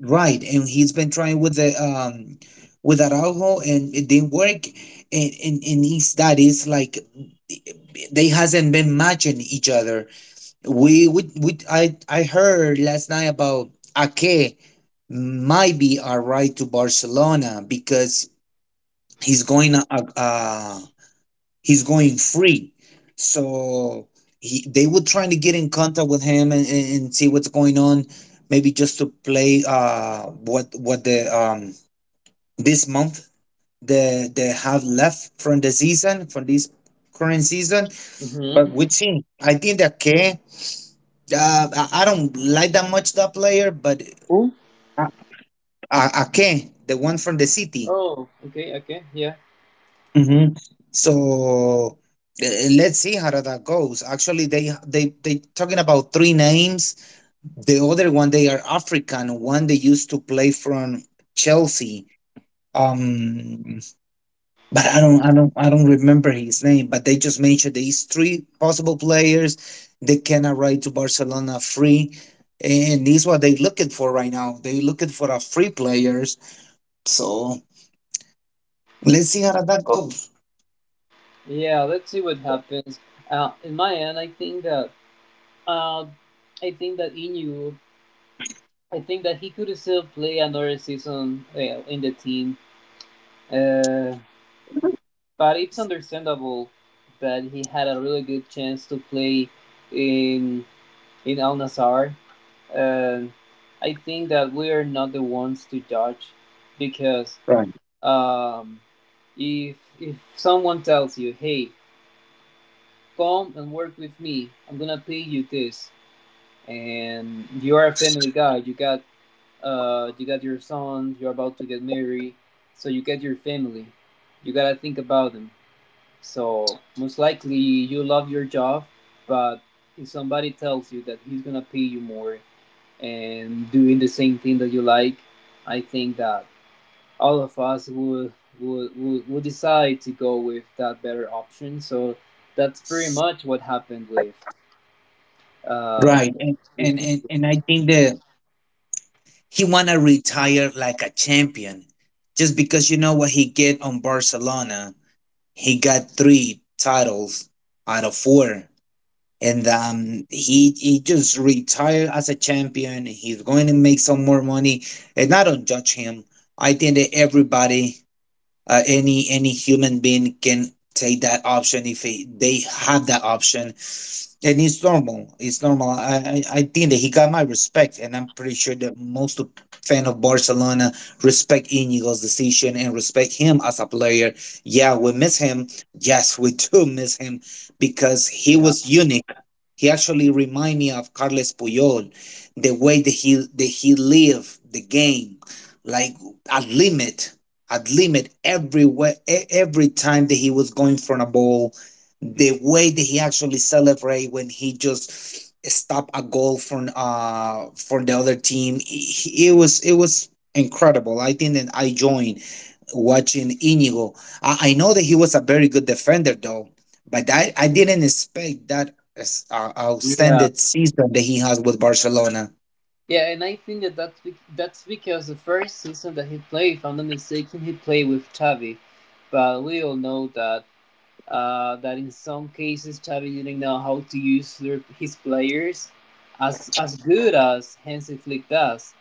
[SPEAKER 2] right, and he's been trying with the with Araujo, and it didn't work, and that is like they hasn't been matching each other. We I heard last night about Ake might be a right to Barcelona, because he's going uh, uh he's going free. So they were trying to get in contact with him, and see what's going on. Maybe just to play, what the this month they have left from the season, from this current season.
[SPEAKER 1] Mm-hmm.
[SPEAKER 2] But we've seen. I think that K. I don't like that much that player, but
[SPEAKER 1] Oh,
[SPEAKER 2] A- Ake, the one from the city.
[SPEAKER 1] oh, okay, okay, yeah,
[SPEAKER 2] Mm-hmm. So let's see how that goes. Actually, they talking about three names. The other one they are African. One they used to play from Chelsea. Um, but I don't remember his name. But they just mentioned these three possible players. They can arrive to Barcelona free, and this is what they looking for right now. They looking for a free players. So let's see how that goes.
[SPEAKER 1] yeah. Let's see what happens. In my end, uh, I think that Inu I think that he could still play another season, well, in the team, uh, but it's understandable that he had a really good chance to play in Al Nassr. Uh, I think that we are not the ones to judge because um, if someone tells you, "Hey, come and work with me. I'm gonna pay you this," and you are a family guy, you got your son, you're about to get married, so you get your family. You gotta think about them. So most likely you love your job, but if somebody tells you that he's gonna pay you more and doing the same thing that you like, I think that all of us would decide to go with that better option. So that's pretty much what happened uh
[SPEAKER 2] Right. And
[SPEAKER 1] with
[SPEAKER 2] and and,
[SPEAKER 1] India.
[SPEAKER 2] and I think that he wanna retire like a champion. Just because you know what he get on Barcelona, he got three titles out of four. And he just retired as a champion. He's going to make some more money. And I don't judge him. I think that everybody, any human being, can take that option if they have that option, and it's normal. It's normal. I think that he got my respect, and I'm pretty sure that most of fan of Barcelona respect Inigo's decision and respect him as a player. Yeah, we miss him. Yes, we do [LAUGHS] miss him, because he
[SPEAKER 1] Yeah.
[SPEAKER 2] was unique. He actually remind me of Carles Puyol, the way that he lived the game, like at limit, at limit every way, every time that he was going for a ball, the way that he actually celebrate when he just stop a goal from the other team. It was incredible. I think that I joined watching Inigo. I know that he was a very good defender though, but I didn't expect that
[SPEAKER 1] Yeah.
[SPEAKER 2] outstanding season that he has with Barcelona.
[SPEAKER 1] Yeah, and I think that that's, that's because the first season that he played, if I'm not mistaken, he played with Xavi. But we all know that that in some cases Xavi didn't know how to use his players as good as Hansi Flick does.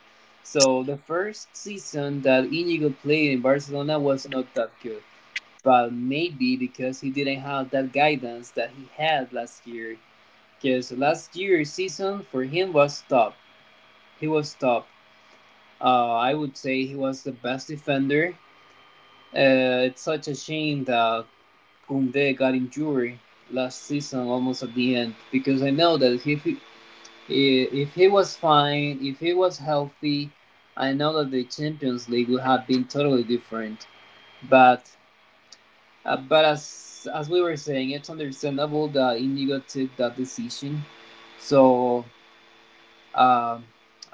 [SPEAKER 1] So the first season that Inigo played in Barcelona was not that good. But maybe because he didn't have that guidance that he had last year. Because last year's season for him was top. He was top. I would say he was the best defender. It's such a shame that Kunde got injured last season almost at the end because I know that if he was fine, if he was healthy, I know that the Champions League would have been totally different. But as we were saying, it's understandable that Indigo took that decision. So um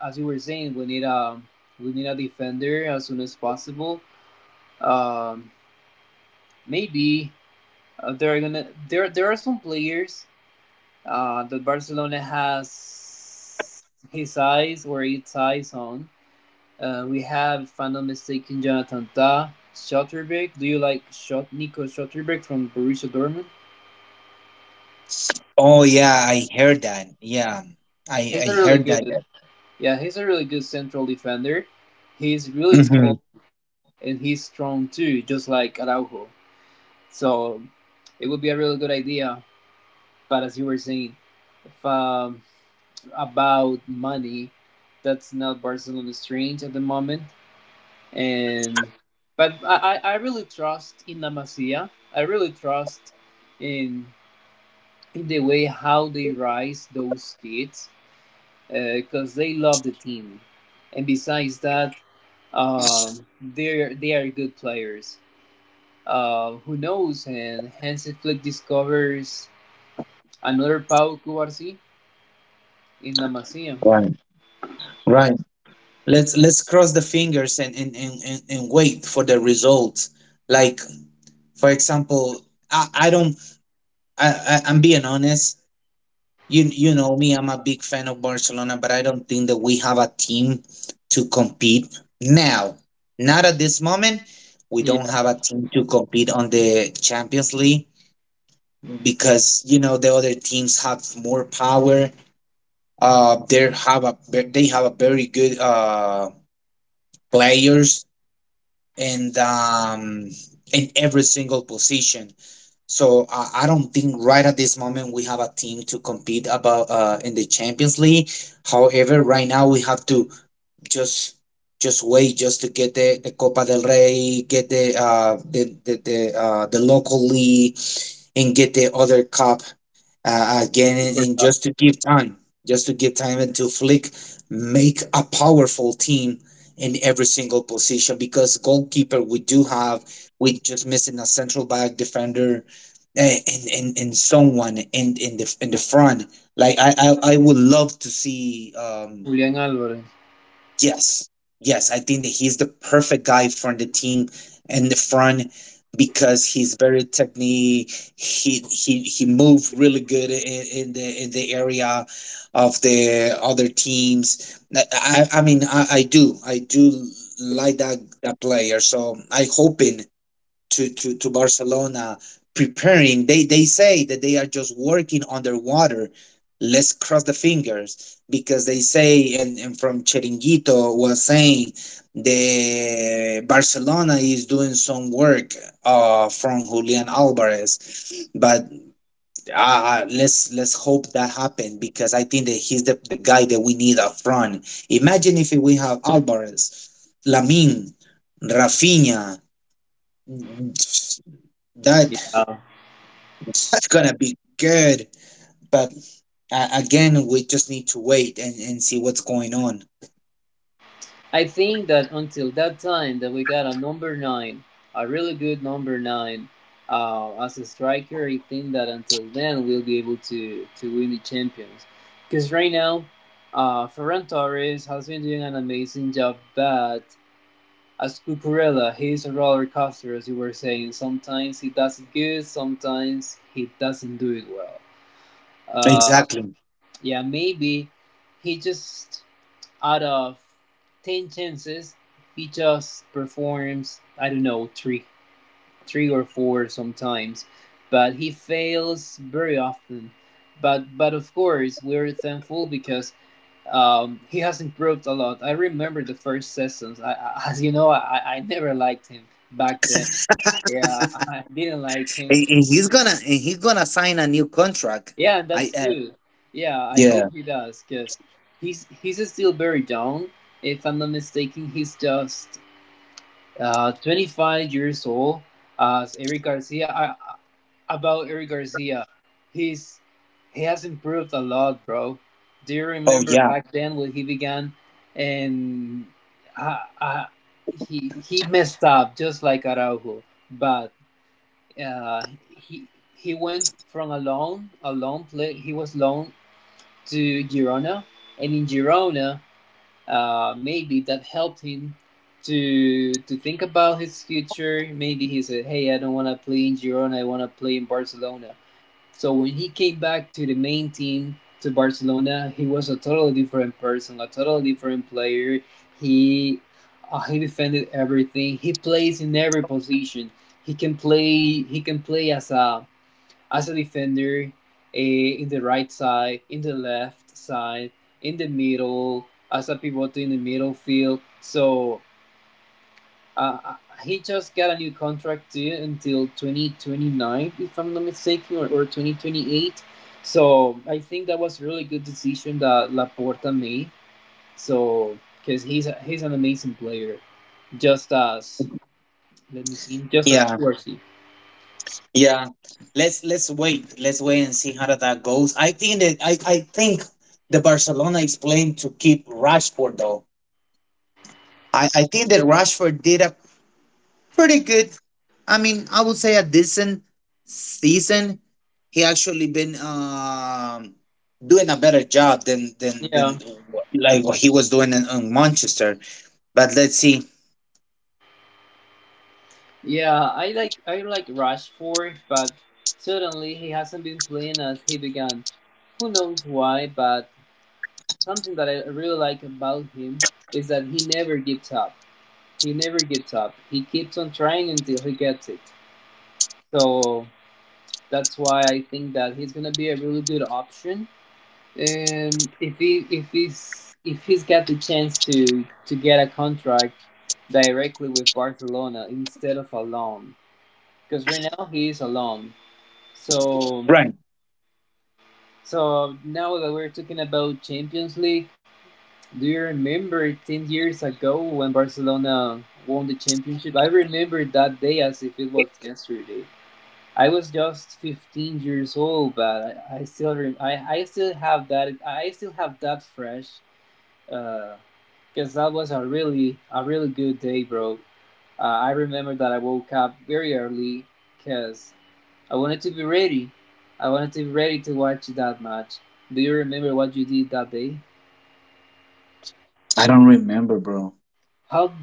[SPEAKER 1] as you were saying, we need a defender as soon as possible. Um, Maybe they're gonna there. There are some players that Barcelona has his eyes or its eyes on. We have, if I'm not mistaken, Jonathan Ta, Schotterbeck. Do you like Nico Schotterbeck from Borussia Dortmund?
[SPEAKER 2] Oh yeah, I heard that. Yeah, I
[SPEAKER 1] He's a
[SPEAKER 2] I
[SPEAKER 1] really
[SPEAKER 2] heard that.
[SPEAKER 1] good. Yeah, he's a really good central defender. He's really
[SPEAKER 2] Hmm.
[SPEAKER 1] tall and he's strong too, just like Araujo. So it would be a really good idea. But as you were saying, if about money. That's not Barcelona's strength at the moment. And but I really trust in La Masia. I really trust in the way how they raise those kids because they love the team. And besides that, they are good players. Who knows? And Hansi Flick discovers another Pau Cubarsí in La Masia.
[SPEAKER 2] Right, right. Let's cross the fingers and wait for the results. Like, for example, I don't. I'm being honest. You know me, I'm a big fan of Barcelona, but I don't think that we have a team to compete now. Not at this moment. We don't
[SPEAKER 1] Yeah,
[SPEAKER 2] have a team to compete on the Champions League, because you know the other teams have more power. They have a very good players, and in every single position. So I don't think right at this moment we have a team to compete about in the Champions League. However, right now we have to just just wait, just to get the Copa del Rey, get the local league, and get the other cup again, and,
[SPEAKER 1] super
[SPEAKER 2] and
[SPEAKER 1] tough.
[SPEAKER 2] just to give time, just to give time and to Flick make a powerful team in every single position, because goalkeeper we do have, we just missing a central back defender, and someone in the front, like I would love to see.
[SPEAKER 1] Julian Alvarez.
[SPEAKER 2] Yes. Yes, I think that he's the perfect guy for the team and the front, because he's very technique. He moved really good in the area of the other teams. I mean, I do like that player. So I hoping to Barcelona preparing. They say that they are just working underwater. Let's cross the fingers, because they say, and from Chiringuito was saying the Barcelona is doing some work from Julian Alvarez, but let's hope that happens, because I think that he's the guy that we need up front. Imagine if we have Alvarez, Lamin, Rafinha, that
[SPEAKER 1] Yeah.
[SPEAKER 2] that's gonna be good. But again, we just need to wait and see what's going on.
[SPEAKER 1] I think that until that time that we got a number nine, a really good number nine, as a striker, I think that until then we'll be able to win the champions. Because right now, Ferran Torres has been doing an amazing job, but as Cucurella, he's a roller coaster, as you were saying. Sometimes he does it good, sometimes he doesn't do it well. Uh,
[SPEAKER 2] Exactly.
[SPEAKER 1] yeah, maybe he just out of 10 chances, he just performs, I don't know, three or four sometimes, but he fails very often. But, of course, we're thankful because he has improved a lot. I remember the first sessions. I, [LAUGHS] as you know, I never liked him back then. Yeah, [LAUGHS] I didn't like him.
[SPEAKER 2] And he's gonna sign a new contract.
[SPEAKER 1] Yeah, and
[SPEAKER 2] I
[SPEAKER 1] that's good. Yeah, I
[SPEAKER 2] Yeah.
[SPEAKER 1] hope he does because he's still very young. If I'm not mistaken, he's just 25 years old as Eric Garcia. About Eric Garcia, he's he has improved a lot, bro. Do you
[SPEAKER 2] Oh
[SPEAKER 1] remember
[SPEAKER 2] yeah.
[SPEAKER 1] back then when he began and uh, uh, he messed up just like Araujo, but uh, he he went from a loan play he was loaned to Girona, and in Girona, maybe that helped him to think about his future. Maybe he said, "Hey, I don't want to play in Girona. I want to play in Barcelona." So when he came back to the main team, to Barcelona, he was a totally different person, a totally different player. He, he defended everything. He plays in every position. He can play. As a defender, in the right side, in the left side, in the middle, as a pivot in the middle field. So uh, uh, he just got a new contract too until 2029, if I'm not mistaken, or 2028. So I think that was a really good decision that Laporta made. So because he's an amazing player, just as let me see, just as
[SPEAKER 2] Yeah.
[SPEAKER 1] Corsi.
[SPEAKER 2] Yeah. Let's wait. Let's wait and see how that goes. I think that I think the Barcelona is playing to keep Rashford though. I think that Rashford did a pretty good. I mean, I would say a decent season. He actually been doing a better job than than
[SPEAKER 1] Yeah.
[SPEAKER 2] like what he was doing in Manchester. But let's see.
[SPEAKER 1] Yeah, I like Rashford, but suddenly he hasn't been playing as he began. Who knows why, but something that I really like about him is that he never gives up. He never gives up. He keeps on trying until he gets it. So that's why I think that he's gonna be a really good option. And if he if he's got the chance to get a contract directly with Barcelona instead of a loan, because right now he is a loan. So,
[SPEAKER 2] Right.
[SPEAKER 1] now that we're talking about Champions League, do you remember 10 years ago when Barcelona won the championship? I remember that day as if it was yesterday. I was just 15 years old, but I still have that, fresh, because that was a really good day, bro. I remember that I woke up very early because I wanted to be ready. I wanted to be ready to watch that match. Do you remember what you did that day?
[SPEAKER 2] I don't remember, bro.
[SPEAKER 1] How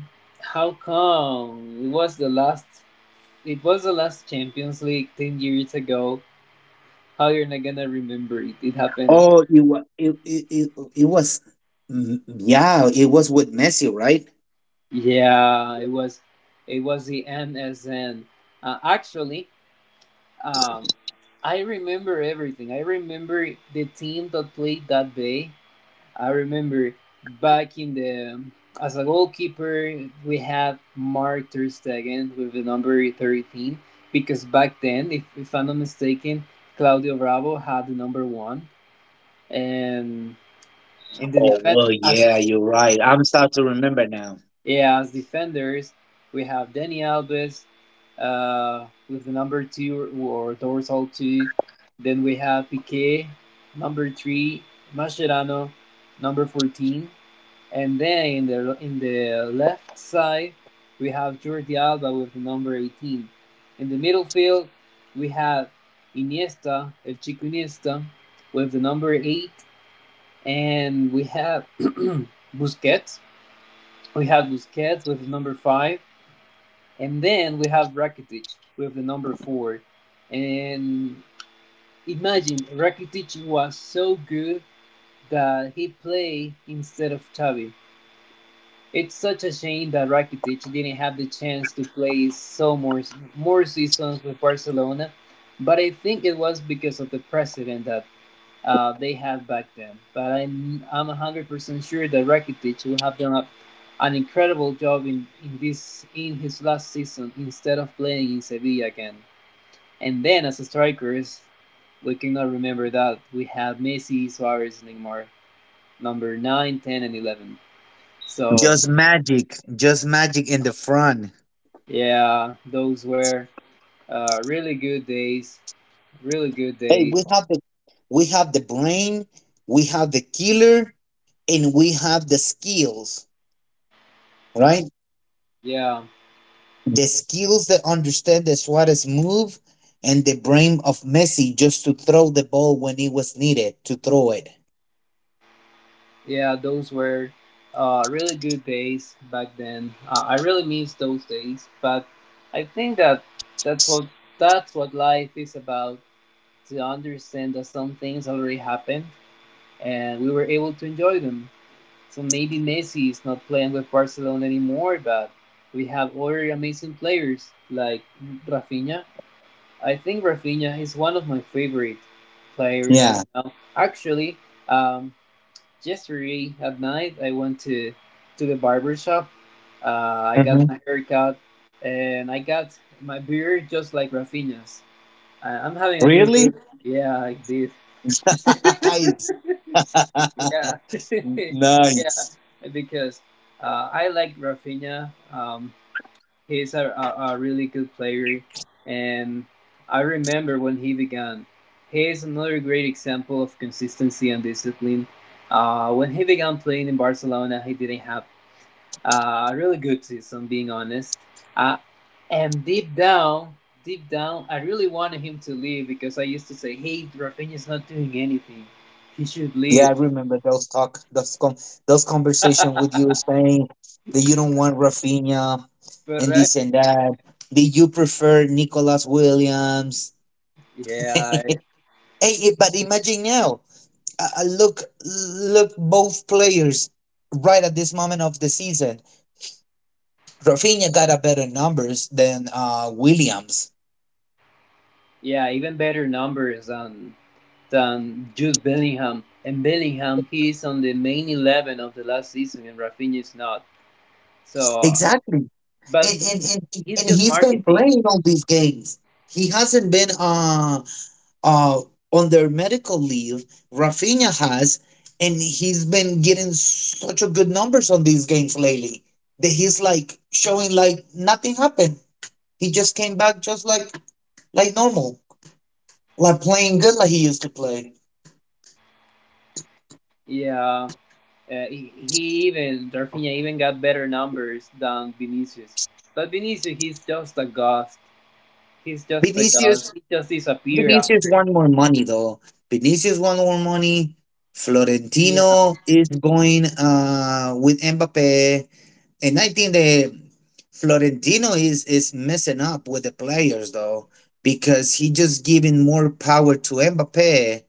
[SPEAKER 1] how come it was the last it was the last Champions League 10 years ago. How you're not gonna remember it? It happened.
[SPEAKER 2] Oh, it was it was yeah, it was with Messi, right?
[SPEAKER 1] Yeah, it was the MSN. Actually, um, I remember everything. I remember the team that played that day. I remember back in the as a goalkeeper we had Mark Ter Stegen with the number 13 because back then, if I'm not mistaken, Claudio Bravo had the number one, and in the
[SPEAKER 2] Oh
[SPEAKER 1] defense,
[SPEAKER 2] well,
[SPEAKER 1] as,
[SPEAKER 2] yeah, you're right. I'm starting to remember now.
[SPEAKER 1] yeah, as defenders we have Danny Alves with the number two or dorsal two. Then we have Piqué number three, Mascherano, number 14, and then in the left side, we have Jordi Alba with the number 18. In the middle field, we have Iniesta, El Chico Iniesta, with the number 8. And we have [CLEARS THROAT] Busquets. We have Busquets with the number 5. And then we have Rakitic with the number 4. And imagine, Rakitic was so good that he played instead of Xavi. It's such a shame that Rakitic didn't have the chance to play so more seasons with Barcelona, but I think it was because of the precedent that they had back then. But I'm 100% sure that Rakitic will have done a, an incredible job in this in his last season instead of playing in Sevilla again. And then as strikers, we cannot remember that we have Messi, Suarez, Neymar, number 9, 10, and 11. So
[SPEAKER 2] Just magic in the front.
[SPEAKER 1] yeah, those were really good days. Really good
[SPEAKER 2] Hey,
[SPEAKER 1] days.
[SPEAKER 2] we have the brain, we have the killer, and we have the skills, right?
[SPEAKER 1] Yeah,
[SPEAKER 2] The skills that understand the Suarez move and the brain of Messi just to throw the ball when it was needed to throw it.
[SPEAKER 1] yeah, those were really good days back then. I really miss those days, but I think that that's what that's what life is about. To understand that some things already happened, and we were able to enjoy them. So maybe Messi is not playing with Barcelona anymore, but we have other amazing players like Rafinha. I think Rafinha is one of my favorite players right
[SPEAKER 2] Yeah.
[SPEAKER 1] now. Um, Yesterday at night I went to the barber shop. I got
[SPEAKER 2] Mhm.
[SPEAKER 1] my haircut and I got my beard just like Rafinha's. I'm having a new
[SPEAKER 2] Really?
[SPEAKER 1] look. Yeah, I did. [LAUGHS]
[SPEAKER 2] [LAUGHS] Nice.
[SPEAKER 1] Yeah, [LAUGHS]
[SPEAKER 2] [LAUGHS]
[SPEAKER 1] yeah,
[SPEAKER 2] Nice.
[SPEAKER 1] because I like Rafinha. He's a really good player, and I remember when he began. He is another great example of consistency and discipline. When he began playing in Barcelona, he didn't have a really good season, being honest. Uh, and deep down, I really wanted him to leave because I used to say, "Hey, Rafinha's not doing anything. He should
[SPEAKER 2] Yeah, I
[SPEAKER 1] leave."
[SPEAKER 2] remember those talk, those conversation with you saying that you don't
[SPEAKER 1] Yeah,
[SPEAKER 2] want Rafinha
[SPEAKER 1] but
[SPEAKER 2] and this and that. Did you prefer Nicolas Williams?
[SPEAKER 1] yeah,
[SPEAKER 2] [LAUGHS] Hey, but imagine now. Look, both players right at this moment of the season. Rafinha got a better numbers than Williams.
[SPEAKER 1] yeah, even better numbers on than Jude Bellingham. And Bellingham, he is on the main 11 of the last season, and Rafinha is not. So,
[SPEAKER 2] Exactly,
[SPEAKER 1] but
[SPEAKER 2] and and, and
[SPEAKER 1] he's
[SPEAKER 2] and
[SPEAKER 1] just
[SPEAKER 2] he's been
[SPEAKER 1] marketing.
[SPEAKER 2] playing all these games. He hasn't been. Uh, on their medical leave. Rafinha has, and he's been getting such a good numbers on these games lately that he's like showing like nothing happened. He just came back just like normal, like playing good like he used to play.
[SPEAKER 1] Yeah, he even Rafinha even got better numbers than Vinicius. But Vinicius, he's just a ghost. He's just a ghost.
[SPEAKER 2] Vinicius
[SPEAKER 1] He just disappeared
[SPEAKER 2] Vinicius
[SPEAKER 1] after.
[SPEAKER 2] want more money though. Vinicius want more money.
[SPEAKER 1] Yeah,
[SPEAKER 2] Florentino is going with Mbappe, and I think that Florentino is messing up with the players though because he just giving more power to Mbappe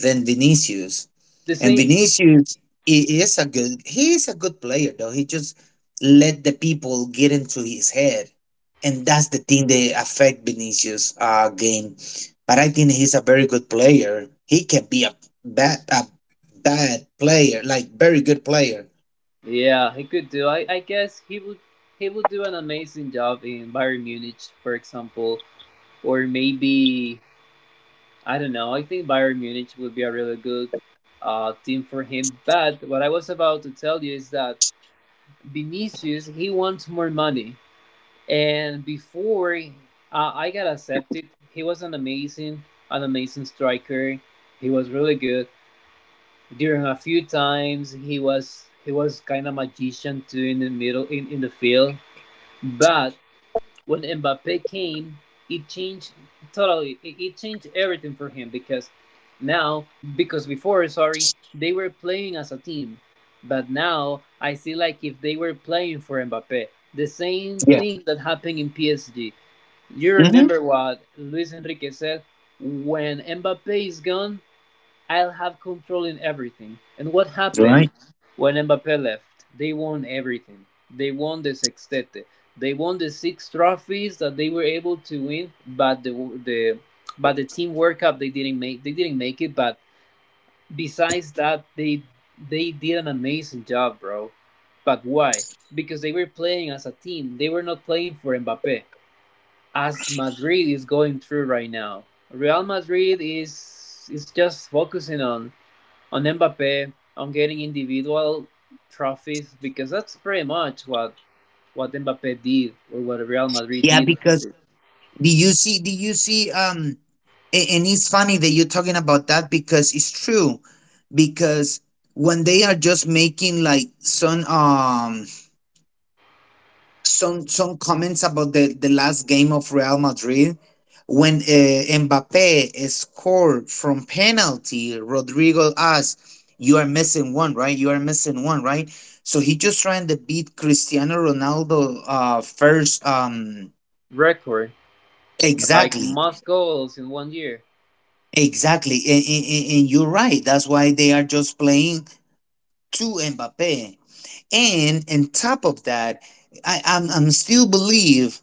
[SPEAKER 2] than Vinicius,
[SPEAKER 1] the
[SPEAKER 2] and
[SPEAKER 1] same.
[SPEAKER 2] Vinicius is a good player though. He just let the people get into his head, and that's the thing that affect Vinicius' game, but I think he's a very good player. He can be a bad a bad player, like very good player.
[SPEAKER 1] Yeah, he could do. I guess he would do an amazing job in Bayern Munich, for example, or maybe I don't know. I think Bayern Munich would be a really good team for him. But what I was about to tell you is that Vinicius he wants more money, and before I got accepted, he was an amazing striker. He was really good. During a few times, he was kind of magician too in the middle in the field. But when Mbappe came, it changed totally. It, changed everything for him because now, because before, sorry, they were playing as a team, but now I see like if they were playing for Mbappe. The same
[SPEAKER 2] Yeah.
[SPEAKER 1] thing that happened in PSG. You
[SPEAKER 2] hmm
[SPEAKER 1] remember what Luis Enrique said when Mbappe is gone, I'll have control in everything. And what happened
[SPEAKER 2] Right.
[SPEAKER 1] when Mbappe left? They won everything. They won the sextete. They won the six trophies that they were able to win, but the the but the team World Cup they didn't make it. But besides that, they did an amazing job, bro. But why? Because they were playing as a team. They were not playing for Mbappe. As Madrid is going through right now, Real Madrid is just focusing on Mbappe, on getting individual trophies because that's pretty much what Mbappe did or what Real Madrid
[SPEAKER 2] Yeah,
[SPEAKER 1] did.
[SPEAKER 2] because do you see? Do you see? And it's funny that you're talking about that because it's true. Because when they are just making like some some comments about the last game of Real Madrid when Mbappe scored from penalty. Rodrigo asked, "You are missing one, right? You are missing one, right?" So he just trying to beat Cristiano Ronaldo first.
[SPEAKER 1] Record like
[SPEAKER 2] Exactly,
[SPEAKER 1] most goals in one year.
[SPEAKER 2] exactly, and you're right. That's why they are just playing to Mbappe. And on top of that, I'm still believe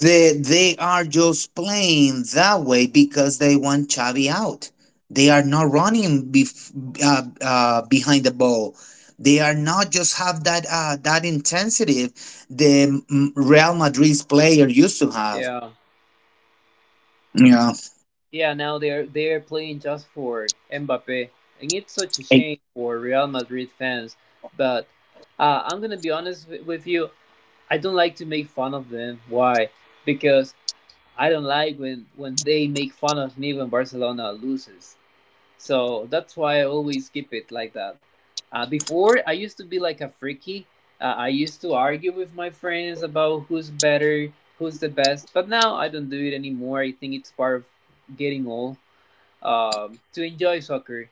[SPEAKER 2] they are just playing that way because they want Xavi out. They are not running behind the ball. They are not just have that that intensity the Real Madrid's player used to have.
[SPEAKER 1] Yeah,
[SPEAKER 2] Yeah,
[SPEAKER 1] yeah. Now they're playing just for Mbappe, and it's such a
[SPEAKER 2] I-
[SPEAKER 1] shame for Real Madrid fans. But I'm gonna be honest wi- with you. I don't like to make fun of them. Why? Because I don't like when they make fun of me when Barcelona loses. So that's why I always keep it like that. Before, I used to be like a freaky. I used to argue with my friends about who's better, who's the best. But now I don't do it anymore. I think it's part of getting old. To enjoy soccer,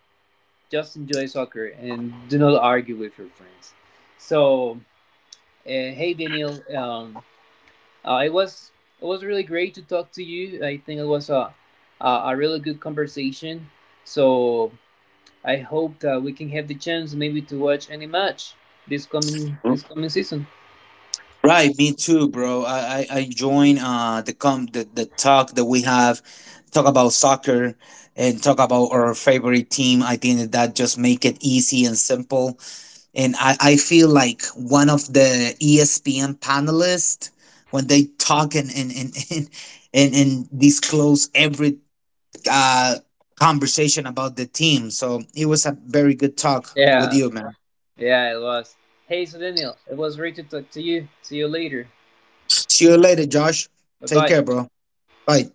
[SPEAKER 1] just enjoy soccer and do not argue with your friends. So, hey Daniel, uh, it was it was really great to talk to you. I think it was a a really good conversation. So I hope that we can have the chance maybe to watch any match this coming season.
[SPEAKER 2] right. Me too, bro. I join the the talk that we have talk about soccer and talk about our favorite team. I think that, that just make it easy and simple. And I feel like one of the ESPN panelists, when they talk [LAUGHS] and disclose every uh, conversation about the team. So it was a very good talk with
[SPEAKER 1] Yeah,
[SPEAKER 2] you, man.
[SPEAKER 1] yeah, it was. Hey, so Daniel, it was great to talk to you. See you later.
[SPEAKER 2] See you later, Josh.
[SPEAKER 1] Bye
[SPEAKER 2] Take
[SPEAKER 1] bye.
[SPEAKER 2] care, bro. Bye.